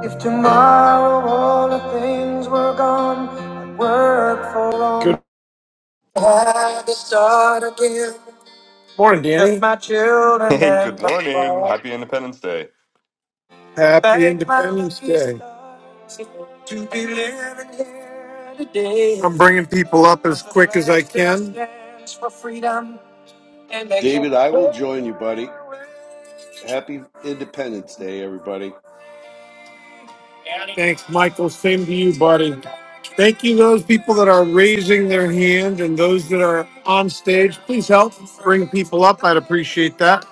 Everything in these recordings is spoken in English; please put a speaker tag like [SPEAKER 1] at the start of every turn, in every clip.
[SPEAKER 1] If tomorrow all the things were gone, I'd work for all. Good had to start again. Morning, Danny. With my children
[SPEAKER 2] Hey, good
[SPEAKER 1] and my
[SPEAKER 2] morning.
[SPEAKER 1] wife.
[SPEAKER 2] Happy Independence Day.
[SPEAKER 1] Happy Thank my Independence lucky Day. stars To be living here today. I'm bringing people up as quick as I can. Stands For freedom, and they can't
[SPEAKER 3] David, I will
[SPEAKER 1] take that
[SPEAKER 3] join you, buddy.
[SPEAKER 1] away.
[SPEAKER 3] Happy Independence Day, everybody.
[SPEAKER 1] Thanks, Michael. Same to you, buddy. Thank you, those people that are raising their hand and those that are on stage. Please help bring people up. I'd appreciate that.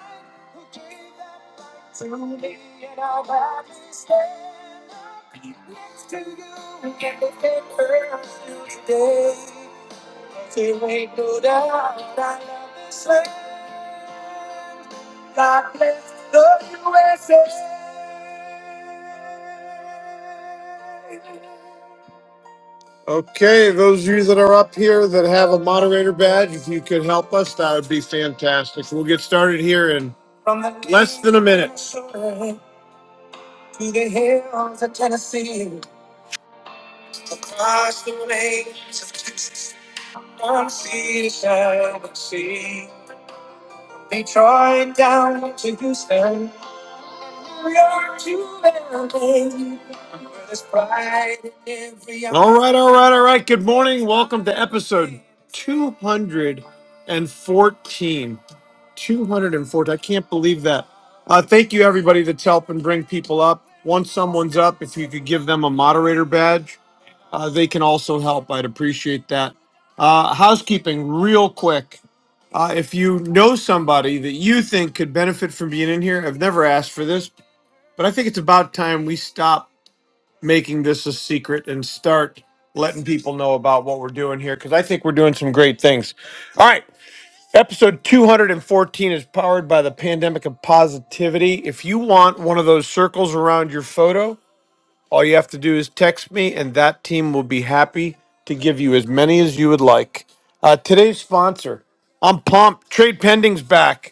[SPEAKER 1] Okay, those of you that are up here that have a moderator badge, if you could help us, that would be fantastic. We'll get started here in From the less than a minute. Shore To the hills of Tennessee, across the plains of Texas, from sea to shining sea, Detroit down to Houston, All right, all right, all right. Good morning. Welcome to episode 214. 214. I can't believe that. Uh, thank you, everybody, that's helping bring people up. Once someone's up, if you could give them a moderator badge, uh, they can also help. I'd appreciate that. Uh, housekeeping, real quick. Uh, if you know somebody that you think could benefit from being in here, I've never asked for this, but I think it's about time we stop making this a secret and start letting people know about what we're doing here because I think we're doing some great things. All right. Episode 214 is powered by the pandemic of positivity. If you want one of those circles around your photo, all you have to do is text me, and that team will be happy to give you as many as you would like. Uh, today's sponsor, I'm pumped. Trade pending's back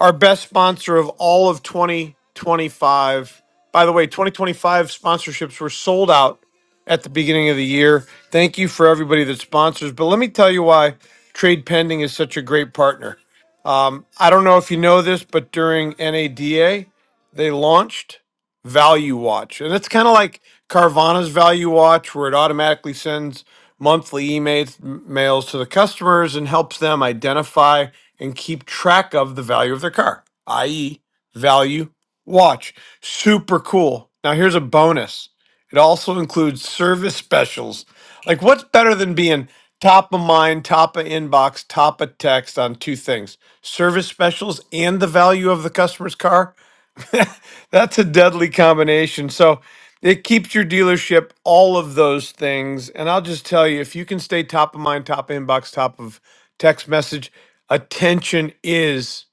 [SPEAKER 1] our best sponsor of all of 2025. By the way, 2025 sponsorships were sold out at the beginning of the year. Thank you for everybody that sponsors. But let me tell you why Trade Pending is such a great partner. Um, I don't know if you know this, but during NADA, they launched Value Watch. And it's kind of like Carvana's Value Watch, where it automatically sends monthly emails mails to the customers and helps them identify and keep track of the value of their car, i.e., value watch. Super cool. Now, here's a bonus it also includes service specials. Like, what's better than being top of mind, top of inbox, top of text on two things service specials and the value of the customer's car? That's a deadly combination. So it keeps your dealership all of those things. And I'll just tell you, if you can stay top of mind, top inbox, top of text message, attention is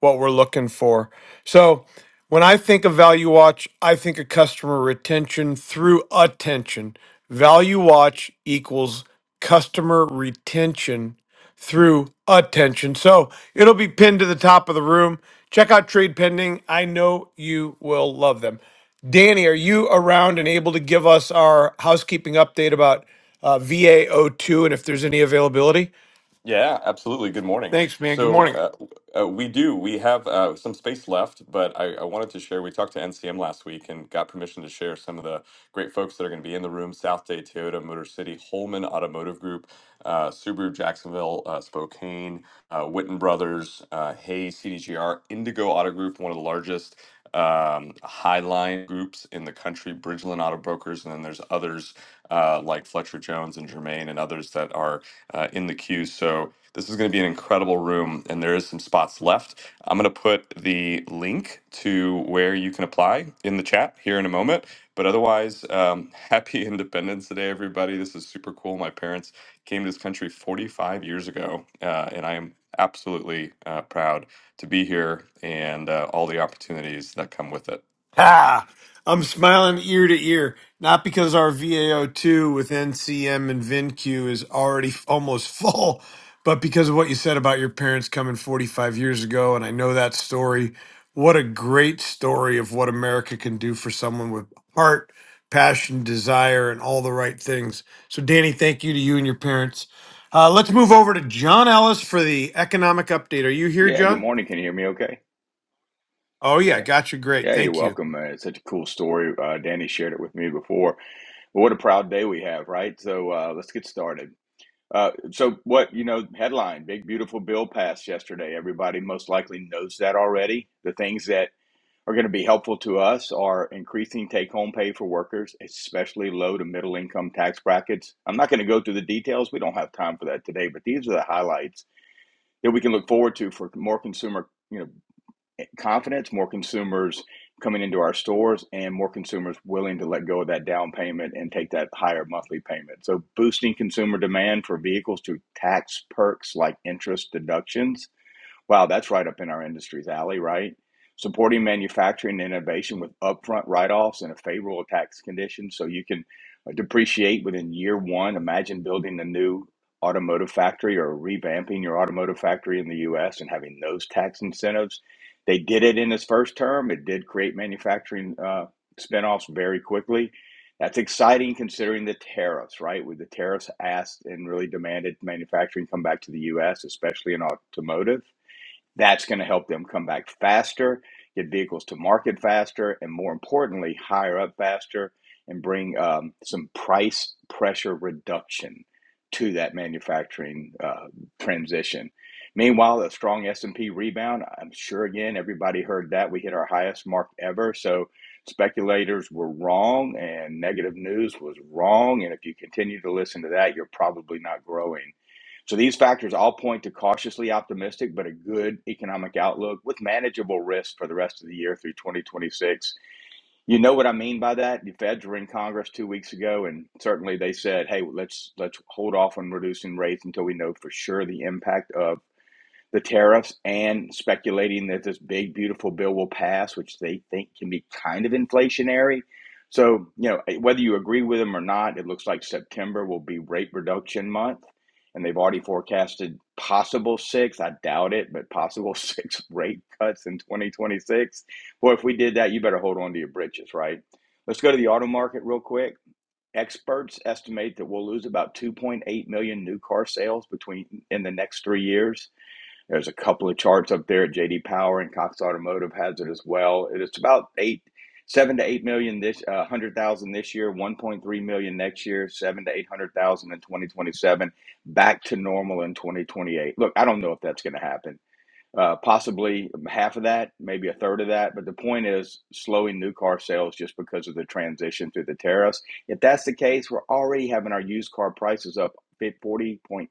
[SPEAKER 1] what we're looking for. So when I think of Value Watch, I think of customer retention through attention. Value Watch equals customer retention through attention. So it'll be pinned to the top of the room. Check out Trade Pending. I know you will love them. Danny, are you around and able to give us our housekeeping update about uh, VAO2 and if there's any availability?
[SPEAKER 2] Yeah, absolutely. Good morning.
[SPEAKER 1] Thanks, man. Good
[SPEAKER 2] So
[SPEAKER 1] morning.
[SPEAKER 2] uh, uh, we do. We have uh, some space left, but I, I wanted to share. We talked to NCM last week and got permission to share some of the great folks that are going to be in the room: South Day Toyota, Motor City, Holman Automotive Group, uh, Subaru Jacksonville, uh, Spokane, uh, Witten Brothers, uh, Hay CDGR, Indigo Auto Group, one of the largest um, highline groups in the country, Bridgeland Auto Brokers, and then there's others uh, like Fletcher Jones and Germain and others that are uh, in the queue. So this is going to be an incredible room, and there is some spots left. I'm going to put the link to where you can apply in the chat here in a moment. But otherwise, um, happy Independence Day, everybody. This is super cool. My parents came to this country 45 years ago, uh, and I am absolutely uh, proud to be here and uh, all the opportunities that come with it.
[SPEAKER 1] Ha! I'm smiling ear to ear, not because our VAO2 with NCM and VinQ is already f- almost full, but because of what you said about your parents coming 45 years ago. And I know that story. What a great story of what America can do for someone with heart, passion, desire, and all the right things. So, Danny, thank you to you and your parents. Uh, let's move over to John Ellis for the economic update. Are you here,
[SPEAKER 4] Yeah, good
[SPEAKER 1] John?
[SPEAKER 4] morning. Can you hear me okay?
[SPEAKER 1] Oh, yeah.
[SPEAKER 4] Yeah.
[SPEAKER 1] Gotcha. Great.
[SPEAKER 4] Yeah, you're
[SPEAKER 1] Thank you.
[SPEAKER 4] welcome. Uh, it's such a cool story. Uh, Danny shared it with me before. But what a proud day we have, right? So uh, let's get started. Uh, so, what, you know, headline Big Beautiful Bill passed yesterday. Everybody most likely knows that already. The things that are going to be helpful to us are increasing take home pay for workers, especially low to middle income tax brackets. I'm not going to go through the details. We don't have time for that today, but these are the highlights that we can look forward to for more consumer. You know, confidence, more consumers coming into our stores, and more consumers willing to let go of that down payment and take that higher monthly payment. So, boosting consumer demand for vehicles through tax perks like interest deductions Wow, that's right up in our industry's alley, right? Supporting manufacturing and innovation with upfront write-offs and a favorable tax condition so you can uh, depreciate within year one. Imagine building a new automotive factory or revamping your automotive factory in the US and having those tax incentives. They did it in his first term. It did create manufacturing uh, spinoffs very quickly. That's exciting considering the tariffs, right? With the tariffs asked and really demanded manufacturing come back to the US, especially in automotive that's going to help them come back faster, get vehicles to market faster, and more importantly, higher up faster and bring um, some price pressure reduction to that manufacturing uh, transition. Meanwhile, a strong S&P rebound. I'm sure again everybody heard that we hit our highest mark ever. So speculators were wrong and negative news was wrong. And if you continue to listen to that, you're probably not growing so these factors all point to cautiously optimistic but a good economic outlook with manageable risk for the rest of the year through 2026. You know what I mean by that? The Feds were in Congress 2 weeks ago and certainly they said, "Hey, let's let's hold off on reducing rates until we know for sure the impact of the tariffs and speculating that this big, beautiful bill will pass, which they think can be kind of inflationary. So, you know, whether you agree with them or not, it looks like September will be rate reduction month. And they've already forecasted possible six, I doubt it, but possible six rate cuts in 2026. Boy, if we did that, you better hold on to your britches, right? Let's go to the auto market real quick. Experts estimate that we'll lose about 2.8 million new car sales between in the next three years. There's a couple of charts up there at JD Power and Cox Automotive has it as well. It's about eight, seven to eight million this, uh, hundred thousand this year, 1.3 million next year, seven to eight hundred thousand in 2027, back to normal in 2028. Look, I don't know if that's going to happen. Uh, possibly half of that, maybe a third of that. But the point is slowing new car sales just because of the transition through the tariffs. If that's the case, we're already having our used car prices up 40.9%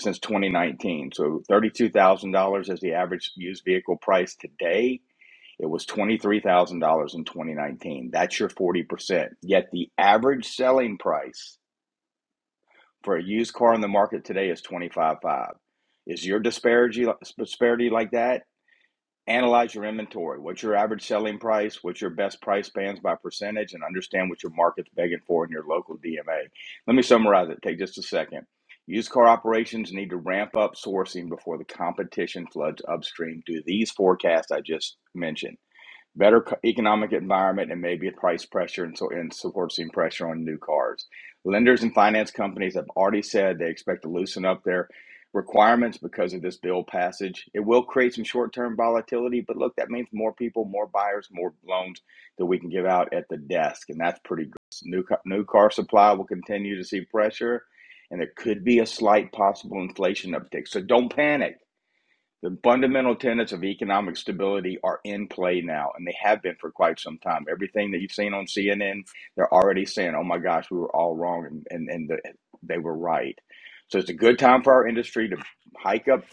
[SPEAKER 4] since 2019. So $32,000 is the average used vehicle price today. It was $23,000 in 2019. That's your 40%. Yet the average selling price for a used car in the market today is $25,500. Is your disparity disparity like that? Analyze your inventory. What's your average selling price? What's your best price bands by percentage? And understand what your market's begging for in your local DMA. Let me summarize it. Take just a second. Used car operations need to ramp up sourcing before the competition floods upstream. Do these forecasts I just mentioned better economic environment and maybe a price pressure and so and support seeing pressure on new cars. Lenders and finance companies have already said they expect to loosen up their requirements because of this bill passage. It will create some short-term volatility, but look, that means more people, more buyers, more loans that we can give out at the desk, and that's pretty good. New new car supply will continue to see pressure, and there could be a slight possible inflation uptick. So don't panic the fundamental tenets of economic stability are in play now, and they have been for quite some time. Everything that you've seen on CNN, they're already saying, oh my gosh, we were all wrong, and, and, and the, they were right. So it's a good time for our industry to hike up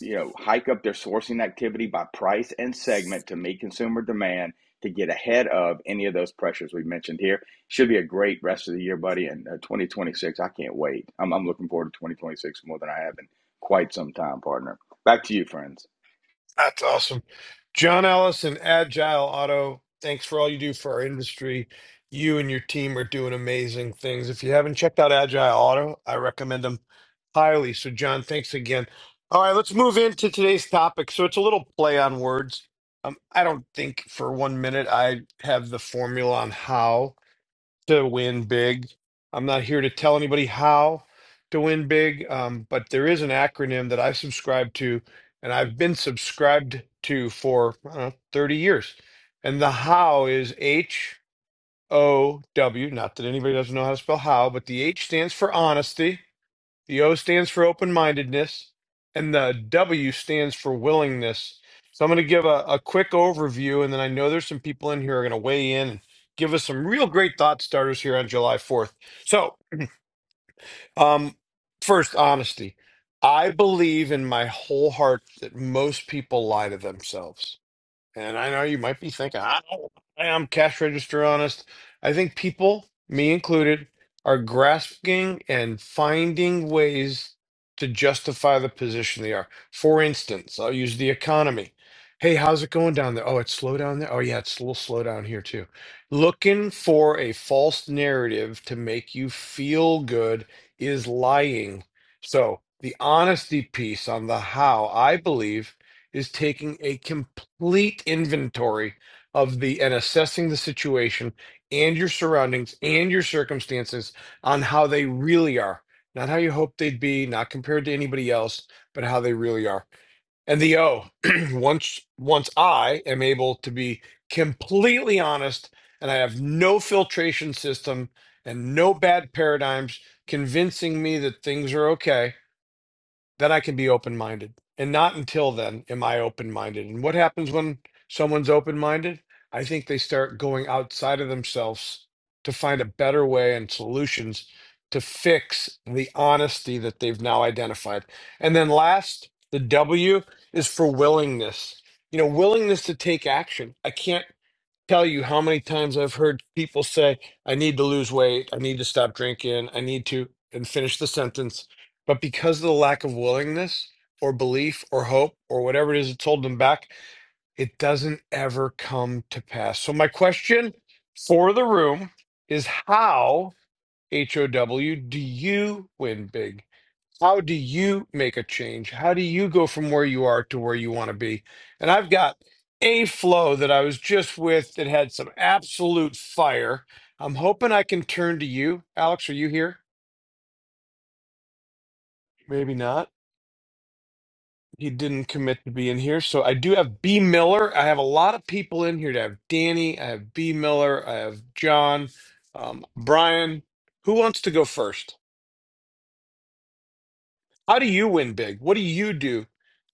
[SPEAKER 4] you know, hike up their sourcing activity by price and segment to meet consumer demand to get ahead of any of those pressures we mentioned here. Should be a great rest of the year, buddy. And uh, 2026, I can't wait. I'm, I'm looking forward to 2026 more than I have in quite some time, partner. Back to you, friends.
[SPEAKER 1] That's awesome. John Ellis and Agile Auto, thanks for all you do for our industry. You and your team are doing amazing things. If you haven't checked out Agile Auto, I recommend them highly. So, John, thanks again. All right, let's move into today's topic. So, it's a little play on words. Um, I don't think for one minute I have the formula on how to win big. I'm not here to tell anybody how to win big, um, but there is an acronym that I subscribe to, and I've been subscribed to for I don't know, 30 years. And the how is H O W. Not that anybody doesn't know how to spell how, but the H stands for honesty. The O stands for open mindedness, and the W stands for willingness. So I'm going to give a, a quick overview, and then I know there's some people in here who are going to weigh in and give us some real great thought starters here on July 4th. So, um, first, honesty. I believe in my whole heart that most people lie to themselves. And I know you might be thinking, I don't, I'm cash register honest. I think people, me included, are grasping and finding ways to justify the position they are. For instance, I'll use the economy. Hey, how's it going down there? Oh, it's slow down there. Oh, yeah, it's a little slow down here too. Looking for a false narrative to make you feel good is lying. So, the honesty piece on the how, I believe is taking a complete inventory of the and assessing the situation and your surroundings and your circumstances on how they really are, not how you hope they'd be, not compared to anybody else, but how they really are. And the O, once once I am able to be completely honest and I have no filtration system and no bad paradigms convincing me that things are okay then I can be open minded. And not until then am I open minded. And what happens when someone's open minded? I think they start going outside of themselves to find a better way and solutions to fix the honesty that they've now identified. And then last, the W is for willingness. You know, willingness to take action. I can't tell you how many times I've heard people say, I need to lose weight, I need to stop drinking, I need to, and finish the sentence. But because of the lack of willingness or belief or hope or whatever it is that's holding them back, it doesn't ever come to pass. So, my question for the room is how, H O W, do you win big? How do you make a change? How do you go from where you are to where you want to be? And I've got a flow that I was just with that had some absolute fire. I'm hoping I can turn to you. Alex, are you here? Maybe not. He didn't commit to being here. So I do have B. Miller. I have a lot of people in here. I have Danny. I have B. Miller. I have John, um, Brian. Who wants to go first? How do you win big? What do you do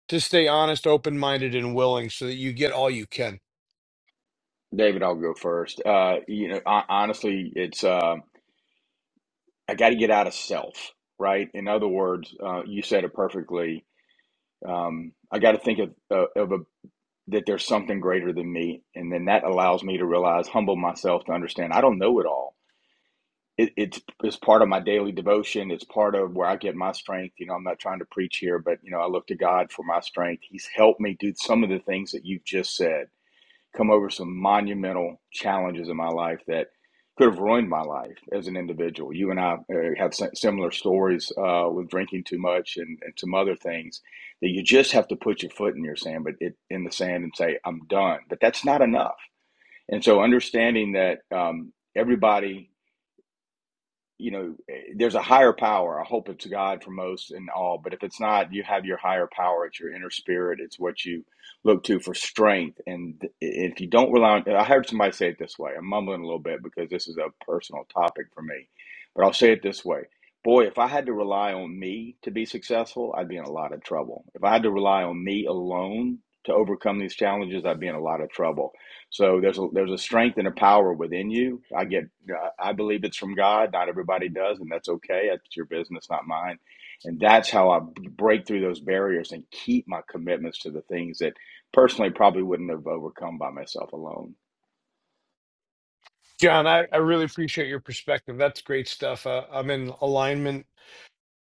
[SPEAKER 1] to stay honest, open minded, and willing so that you get all you can?
[SPEAKER 4] David, I'll go first. Uh, you know, hon- honestly, it's uh, I got to get out of self, right? In other words, uh, you said it perfectly. Um, I got to think of, uh, of a, that there's something greater than me, and then that allows me to realize, humble myself to understand I don't know it all. It, it's it's part of my daily devotion. It's part of where I get my strength. You know, I'm not trying to preach here, but you know, I look to God for my strength. He's helped me do some of the things that you've just said come over some monumental challenges in my life that could have ruined my life as an individual. You and I uh, have si- similar stories uh, with drinking too much and, and some other things that you just have to put your foot in your sand, but it, in the sand and say, "I'm done." But that's not enough. And so, understanding that um, everybody you know, eh, there's a higher power. I hope it's God for most and all, but if it's not, you have your higher power. It's your inner spirit. It's what you look to for strength. And if you don't rely on, I heard somebody say it this way. I'm mumbling a little bit because this is a personal topic for me, but I'll say it this way. Boy, if I had to rely on me to be successful, I'd be in a lot of trouble. If I had to rely on me alone to overcome these challenges, I'd be in a lot of trouble so there's a, there's a strength and a power within you. I get I believe it's from God. Not everybody does, and that's okay. That's your business, not mine. And that's how I break through those barriers and keep my commitments to the things that personally probably wouldn't have overcome by myself alone.
[SPEAKER 1] John, I, I really appreciate your perspective. That's great stuff. Uh, I'm in alignment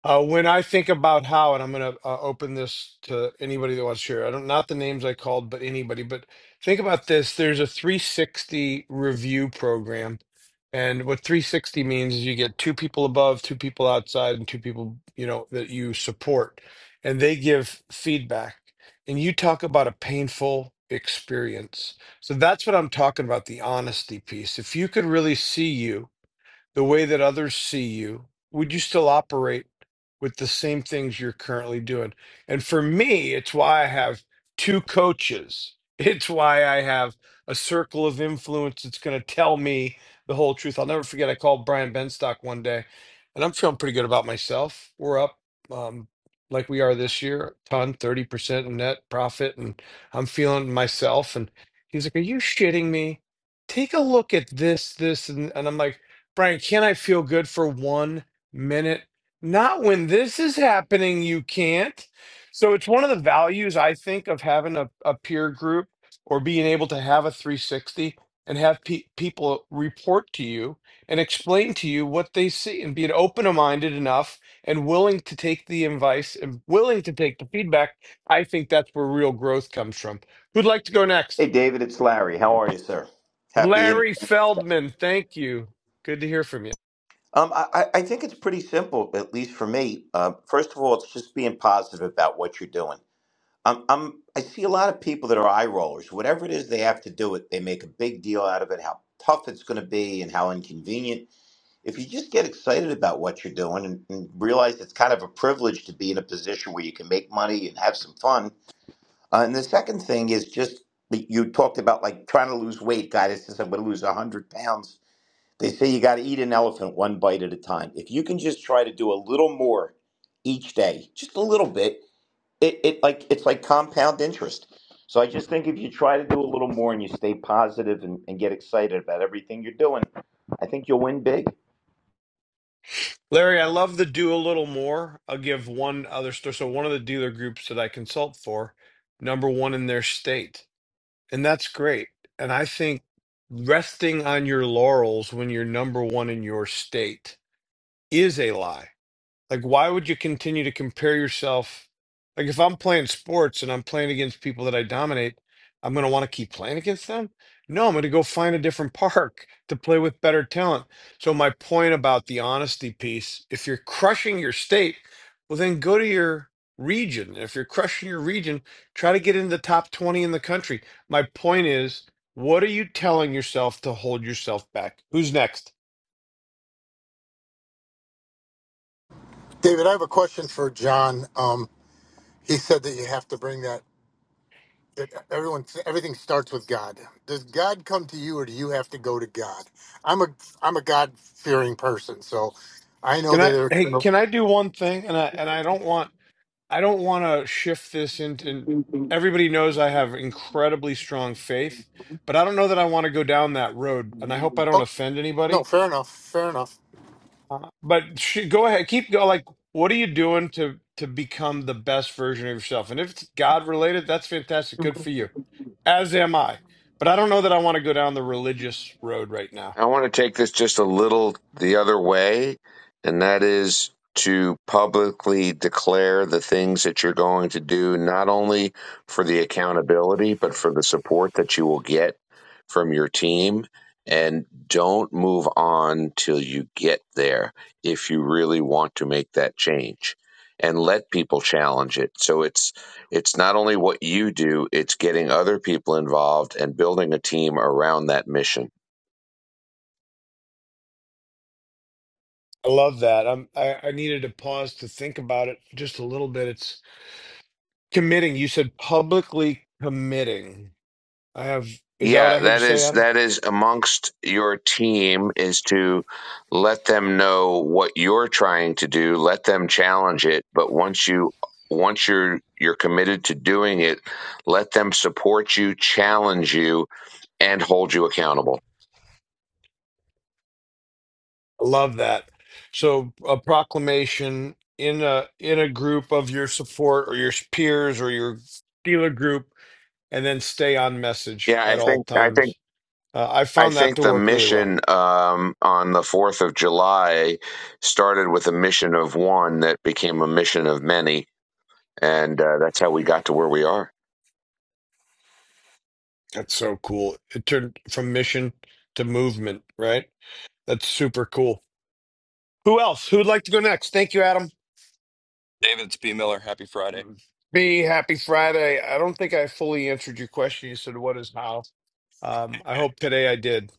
[SPEAKER 1] uh, when I think about how, and I'm going to uh, open this to anybody that wants to share. I don't not the names I called, but anybody. But think about this: there's a 360 review program, and what 360 means is you get two people above, two people outside, and two people you know that you support, and they give feedback. And you talk about a painful experience. So that's what I'm talking about, the honesty piece. If you could really see you the way that others see you, would you still operate with the same things you're currently doing? And for me, it's why I have two coaches. It's why I have a circle of influence that's going to tell me the whole truth. I'll never forget. I called Brian Benstock one day, and I'm feeling pretty good about myself. We're up um, like we are this year, a ton, 30% in net profit, and I'm feeling myself. And he's like, Are you shitting me? Take a look at this, this, and, and I'm like, Brian, can I feel good for one minute? Not when this is happening, you can't. So it's one of the values I think of having a, a peer group or being able to have a 360 and have pe- people report to you and explain to you what they see and being open minded enough and willing to take the advice and willing to take the feedback. I think that's where real growth comes from. Who'd like to go
[SPEAKER 5] Hey,
[SPEAKER 1] next?
[SPEAKER 5] David, it's Larry. How are you, sir? Happy. In-
[SPEAKER 1] Larry Feldman, thank you. Good to hear from you.
[SPEAKER 5] um, I, I I think it's pretty simple, at least for me. Uh, first of all, it's just being positive about what you're doing. I'm, I'm, I see a lot of people that are eye rollers. Whatever it is they have to do it, they make a big deal out of it, how tough it's going to be and how inconvenient. If you just get excited about what you're doing and, and realize it's kind of a privilege to be in a position where you can make money and have some fun, Uh, and the second thing is just that you talked about like trying to lose weight. Guy that says I'm going to lose 100 pounds. They say you got to eat an elephant one bite at a time. If you can just try to do a little more each day, just a little bit, it, it like it's like compound interest. So I just think if you try to do a little more and you stay positive and, and get excited about everything you're doing, I think you'll win big.
[SPEAKER 1] Larry, I love the do a little more. I'll give one other story. So, one of the dealer groups that I consult for, number one in their state. And that's great. And I think resting on your laurels when you're number one in your state is a lie. Like, why would you continue to compare yourself? Like, if I'm playing sports and I'm playing against people that I dominate, I'm going to want to keep playing against them. No, I'm going to go find a different park to play with better talent. So, my point about the honesty piece if you're crushing your state, well, then go to your region. If you're crushing your region, try to get into the top 20 in the country. My point is, what are you telling yourself to hold yourself back? Who's next?
[SPEAKER 6] David, I have a question for John. Um, he said that you have to bring that. That everyone, everything starts with God. Does God come to you, or do you have to go to God? I'm a I'm a God fearing person, so I know
[SPEAKER 1] Can
[SPEAKER 6] that.
[SPEAKER 1] I hey,
[SPEAKER 6] There,
[SPEAKER 1] can I do one thing? And I and I don't want I don't want to shift this into and everybody knows I have incredibly strong faith, but I don't know that I want to go down that road. And I hope I don't
[SPEAKER 6] okay,
[SPEAKER 1] offend
[SPEAKER 6] no,
[SPEAKER 1] anybody.
[SPEAKER 6] fair enough. Fair enough.
[SPEAKER 1] Uh, but sh- go ahead, keep going. Like, what are you doing to to become the best version of yourself? And if it's God related, that's fantastic. Good for you. As am I. But I don't know that I want to go down the religious road right now.
[SPEAKER 7] I want to take this just a little the other way, and that is to publicly declare the things that you're going to do, not only for the accountability, but for the support that you will get from your team. And don't move on till you get there if you really want to make that change and let people challenge it. So it's it's not only what you do, it's getting other people involved and building a team around that mission.
[SPEAKER 1] I love that. I'm, I, I needed to pause to think about it just a little bit. It's committing. You said publicly committing. I have, is that what
[SPEAKER 7] Yeah,
[SPEAKER 1] I heard you
[SPEAKER 7] that
[SPEAKER 1] say,
[SPEAKER 7] is
[SPEAKER 1] Adam?
[SPEAKER 7] that is amongst your team is to let them know what you're trying to do, let them challenge it, but once you once you're you're committed to doing it, let them support you, challenge you, and hold you accountable.
[SPEAKER 1] I love that. So a proclamation in a in a group of your support or your peers or your dealer group, and then stay on message
[SPEAKER 7] Yeah, I
[SPEAKER 1] at all
[SPEAKER 7] think I think
[SPEAKER 1] times. Uh, I
[SPEAKER 7] I
[SPEAKER 1] found that
[SPEAKER 7] think
[SPEAKER 1] to
[SPEAKER 7] the
[SPEAKER 1] work really well.
[SPEAKER 7] mission um, on the Fourth of July started with a mission of one that became a mission of many, and uh, that's how we got to where we are.
[SPEAKER 1] That's so cool. It turned from mission to movement, right? That's super cool. Who else? Who'd like to go next? Thank you, Adam.
[SPEAKER 8] David, it's B. Miller. Happy Friday.
[SPEAKER 1] Be happy Friday. I don't think I fully answered your question. You said, "What is how?" Um, I hope today I did.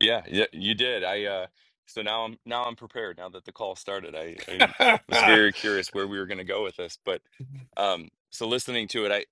[SPEAKER 8] Yeah, yeah, you did. I uh so now I'm now I'm prepared now that the call started. I, I was very curious where we were gonna go with this, but um so listening to it,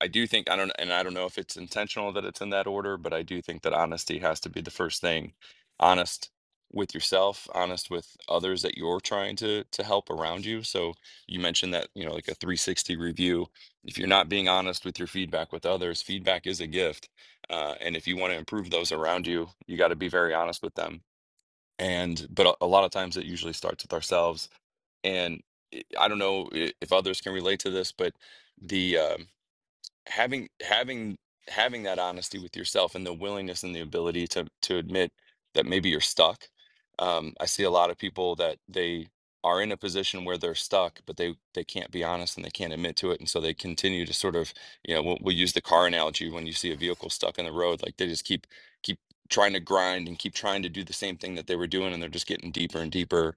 [SPEAKER 8] I do think I don't and I don't know if it's intentional that it's in that order, but I do think that honesty has to be the first thing. Honest with yourself, honest with others that you're trying to to help around you. So you mentioned that, you know, like a 360 review. If you're not being honest with your feedback with others, feedback is a gift. Uh, and if you want to improve those around you, you got to be very honest with them. And but a, a lot of times it usually starts with ourselves. And I I don't know i- if others can relate to this, but the um having having having that honesty with yourself and the willingness and the ability to to admit that maybe you're stuck um, i see a lot of people that they are in a position where they're stuck but they they can't be honest and they can't admit to it and so they continue to sort of you know we'll, we'll use the car analogy when you see a vehicle stuck in the road like they just keep keep trying to grind and keep trying to do the same thing that they were doing and they're just getting deeper and deeper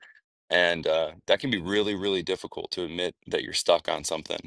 [SPEAKER 8] and uh, that can be really really difficult to admit that you're stuck on something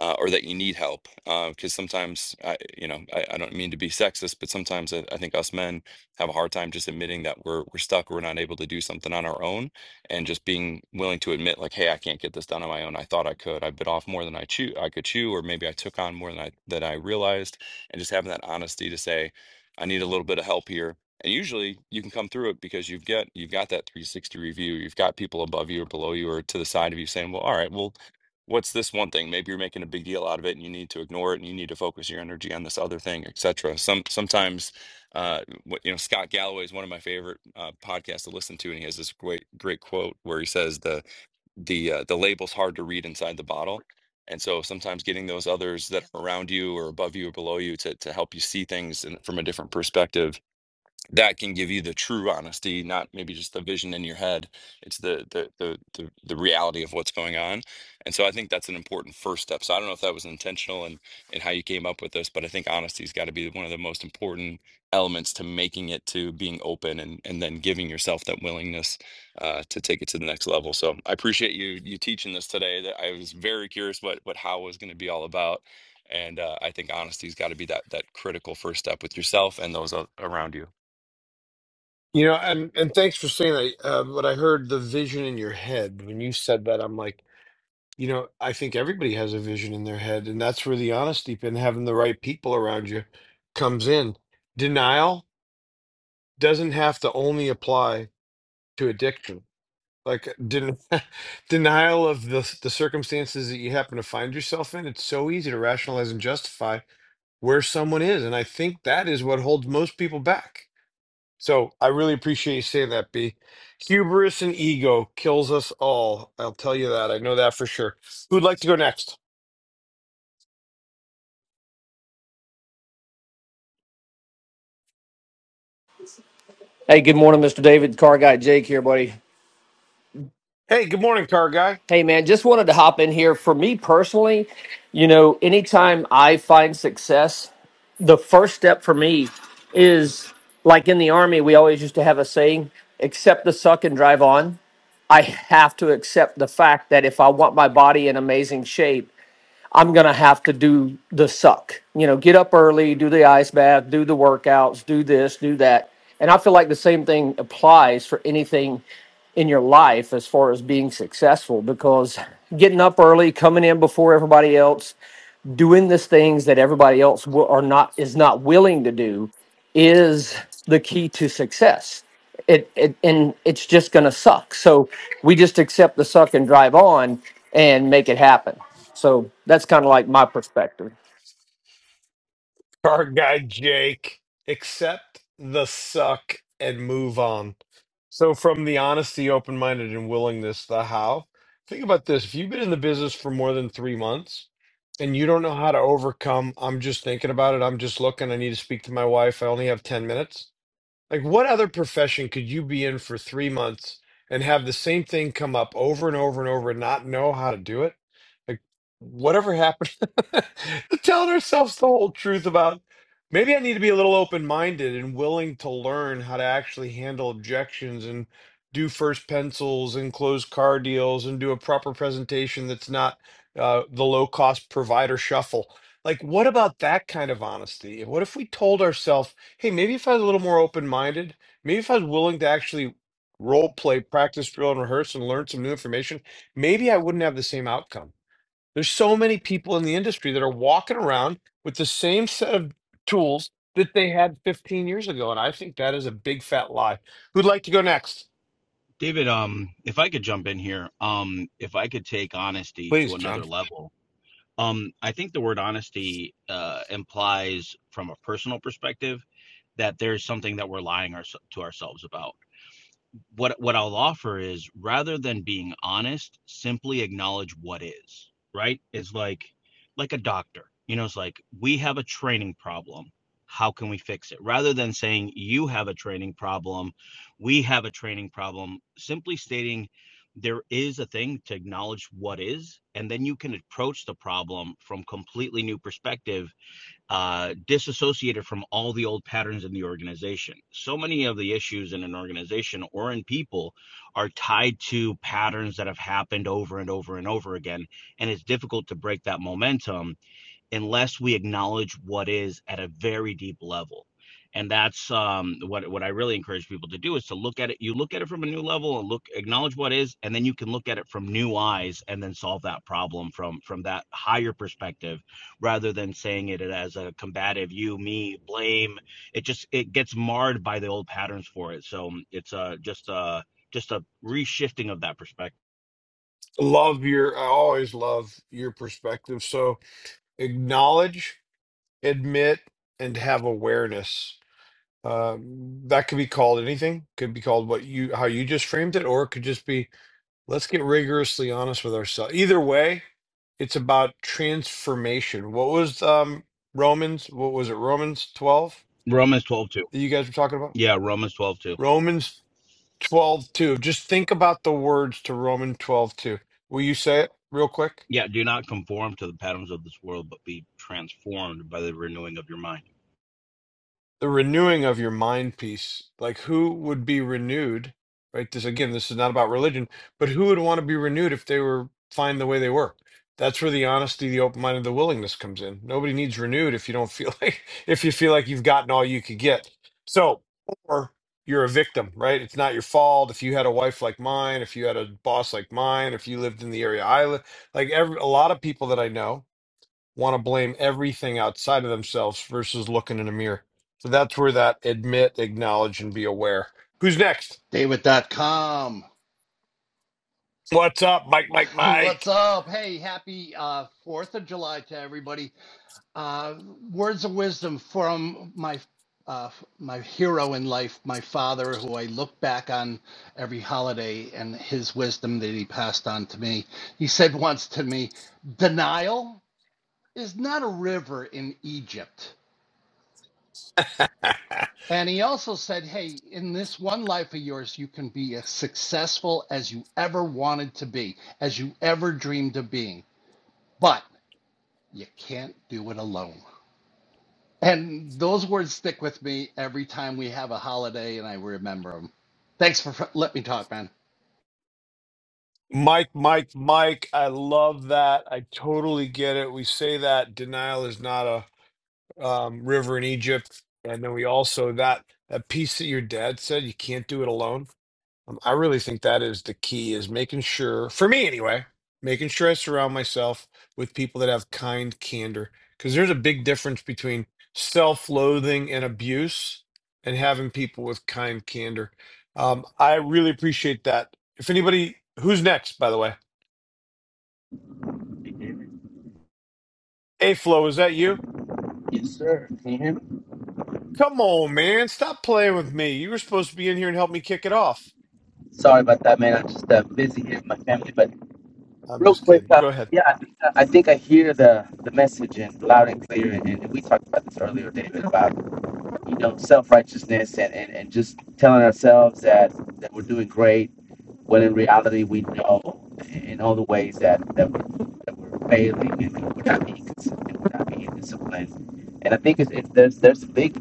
[SPEAKER 8] uh, or that you need help. Because uh, sometimes, I, you know, I, I don't mean to be sexist, but sometimes I, I think us men have a hard time just admitting that we're we're stuck, or we're not able to do something on our own, and just being willing to admit, like, hey, I can't get this done on my own. I thought I could. I bit off more than I chew, I could chew, or maybe I took on more than I that I realized, and just having that honesty to say, I need a little bit of help here. And usually you can come through it because you've got you've got that 360 review. You've got people above you or below you or to the side of you saying, well, all right, well what's this one thing maybe you're making a big deal out of it and you need to ignore it and you need to focus your energy on this other thing etc some sometimes uh what you know scott galloway is one of my favorite uh podcasts to listen to and he has this great great quote where he says the the uh, the label's hard to read inside the bottle and so sometimes getting those others that are around you or above you or below you to to help you see things in, from a different perspective that can give you the true honesty, not maybe just the vision in your head. It's the the the the, the reality of what's going on. And so I think that's an important first step. So I don't know if that was intentional and and how you came up with this, but I think honesty's got to be one of the most important elements to making it to being open and and then giving yourself that willingness uh, to take it to the next level. So I appreciate you you teaching this today. That I was very curious what what how was going to be all about. And uh, I think honesty's got to be that that critical first step with yourself and those a- around you.
[SPEAKER 1] You know, and and thanks for saying that. Uh, but I heard the vision in your head when you said that. I'm like, you know, I think everybody has a vision in their head, and that's where the honesty and having the right people around you comes in. Denial doesn't have to only apply to addiction. Like den denial of the the circumstances that you happen to find yourself in. It's so easy to rationalize and justify where someone is, and I think that is what holds most people back. So I really appreciate you saying that, B. Hubris and ego kills us all. I'll tell you that. I know that for sure. Who'd like to go next?
[SPEAKER 9] Hey, good morning, Mr. David. Car guy Jake here, buddy.
[SPEAKER 1] Hey, good morning, car guy.
[SPEAKER 9] Hey, man, just wanted to hop in here. For me personally, you know, anytime I find success, the first step for me is like in the army, we always used to have a saying accept the suck and drive on. I have to accept the fact that if I want my body in amazing shape, I'm gonna have to do the suck. You know, get up early, do the ice bath, do the workouts, do this, do that. And I feel like the same thing applies for anything in your life as far as being successful because getting up early, coming in before everybody else, doing the things that everybody else will, are not is not willing to do is the key to success. It, it and it's just going to suck. So we just accept the suck and drive on and make it happen. So that's kind of like my perspective.
[SPEAKER 1] Car guy Jake. Accept the suck and move on. So from the honesty, open minded, and willingness, the how. Think about this. If you've been in the business for more than three months and you don't know how to overcome, I'm just thinking about it. I'm just looking. I need to speak to my wife. I only have 10 minutes Like, what other profession could you be in for three months and have the same thing come up over and over and over and not know how to do it? Like, whatever happened to telling ourselves the whole truth about maybe I need to be a little open-minded and willing to learn how to actually handle objections and do first pencils and close car deals and do a proper presentation that's not uh, the low-cost provider shuffle. Like, what about that kind of honesty? What if we told ourselves, hey, maybe if I was a little more open minded, maybe if I was willing to actually role play, practice, drill, and rehearse and learn some new information, maybe I wouldn't have the same outcome. There's so many people in the industry that are walking around with the same set of tools that they had 15 years ago. And I think that is a big fat lie. Who'd like to go next?
[SPEAKER 10] David, um, if I could jump in here, um, if I could take honesty
[SPEAKER 1] Please,
[SPEAKER 10] to
[SPEAKER 1] John.
[SPEAKER 10] another level, um, I think the word honesty uh, implies, from a personal perspective, that there's something that we're lying our, to ourselves about what what I'll offer is rather than being honest, simply acknowledge what is, right? It's like like a doctor. You know, it's like we have a training problem. How can we fix it? Rather than saying you have a training problem, we have a training problem, simply stating there is a thing to acknowledge what is and then you can approach the problem from completely new perspective uh, disassociated from all the old patterns in the organization. So many of the issues in an organization or in people are tied to patterns that have happened over and over and over again. And it's difficult to break that momentum unless we acknowledge what is at a very deep level. And that's um, what what I really encourage people to do is to look at it. You look at it from a new level and look acknowledge what is, and then you can look at it from new eyes and then solve that problem from from that higher perspective, rather than saying it as a combative you, me, blame. It just it gets marred by the old patterns for it. So um, it's uh, just uh, just a reshifting of that perspective.
[SPEAKER 1] Love your, I always love your perspective. So acknowledge, admit, and have awareness. Um, that could be called anything. Could be called what you how you just framed it, or it could just be let's get rigorously honest with ourselves. Either way, it's about transformation. What was um Romans? What was it? Romans twelve
[SPEAKER 10] Romans twelve two.
[SPEAKER 1] that you guys were talking about?
[SPEAKER 10] Yeah, Romans twelve two.
[SPEAKER 1] Romans twelve two. Just think about the words to Romans twelve two. Will you say it real quick?
[SPEAKER 10] Yeah, do not conform to the patterns of this world, but be transformed by the renewing of your mind.
[SPEAKER 1] the renewing of your mind piece like who would be renewed right this again this is not about religion but who would want to be renewed if they were fine the way they were that's where the honesty the open mind and the willingness comes in nobody needs renewed if you don't feel like if you feel like you've gotten all you could get so or you're a victim right it's not your fault if you had a wife like mine if you had a boss like mine if you lived in the area i live like every a lot of people that i know want to blame everything outside of themselves versus looking in a mirror. So that's where that admit, acknowledge, and be aware. Who's next?
[SPEAKER 11] David.com.
[SPEAKER 1] What's up, Mike, Mike,
[SPEAKER 11] What's
[SPEAKER 1] Mike?
[SPEAKER 11] up? Hey, happy uh, 4th of July to everybody. Uh, words of wisdom from my uh, my hero in life, my father, who I look back on every holiday and his wisdom that he passed on to me. He said once to me, Denial is not a river in Egypt. And he also said, Hey, in this one life of yours, you can be as successful as you ever wanted to be, as you ever dreamed of being. but you can't do it alone. And those words stick with me every time we have a holiday and I remember them. Thanks for let me talk, man.
[SPEAKER 1] Mike, Mike, Mike. I love that. I totally get it. We say that denial is not a um, river in Egypt. And then we also, that, that piece that your dad said, you can't do it alone Um, I really think that is the key is making sure, for me anyway, making sure I surround myself with people that have kind candor. Because there's a big difference between self loathing and abuse and having people with kind candor. Um, I really appreciate that. If anybody, who's next, by the way?
[SPEAKER 12] You hear me?
[SPEAKER 1] A Flow, is that you?
[SPEAKER 12] Yes, sir. Can you hear me?
[SPEAKER 1] Come on, man. Stop playing with me. You were supposed to be in here and help me kick it off.
[SPEAKER 12] Sorry about that, man. I'm just uh, busy here with my family. But
[SPEAKER 1] I'm
[SPEAKER 12] real
[SPEAKER 1] just
[SPEAKER 12] quick,
[SPEAKER 1] kidding.
[SPEAKER 12] uh,
[SPEAKER 1] Go ahead.
[SPEAKER 12] yeah, I think, uh, I think I hear the, the message and loud and clear. And, and we talked about this earlier, David, about you know self righteousness and, and, and just telling ourselves that that we're doing great when in reality we know in all the ways that, that, we're, that we're failing and that we're not being consistent, we're not being disciplined. And I think it's, it's, there's there's big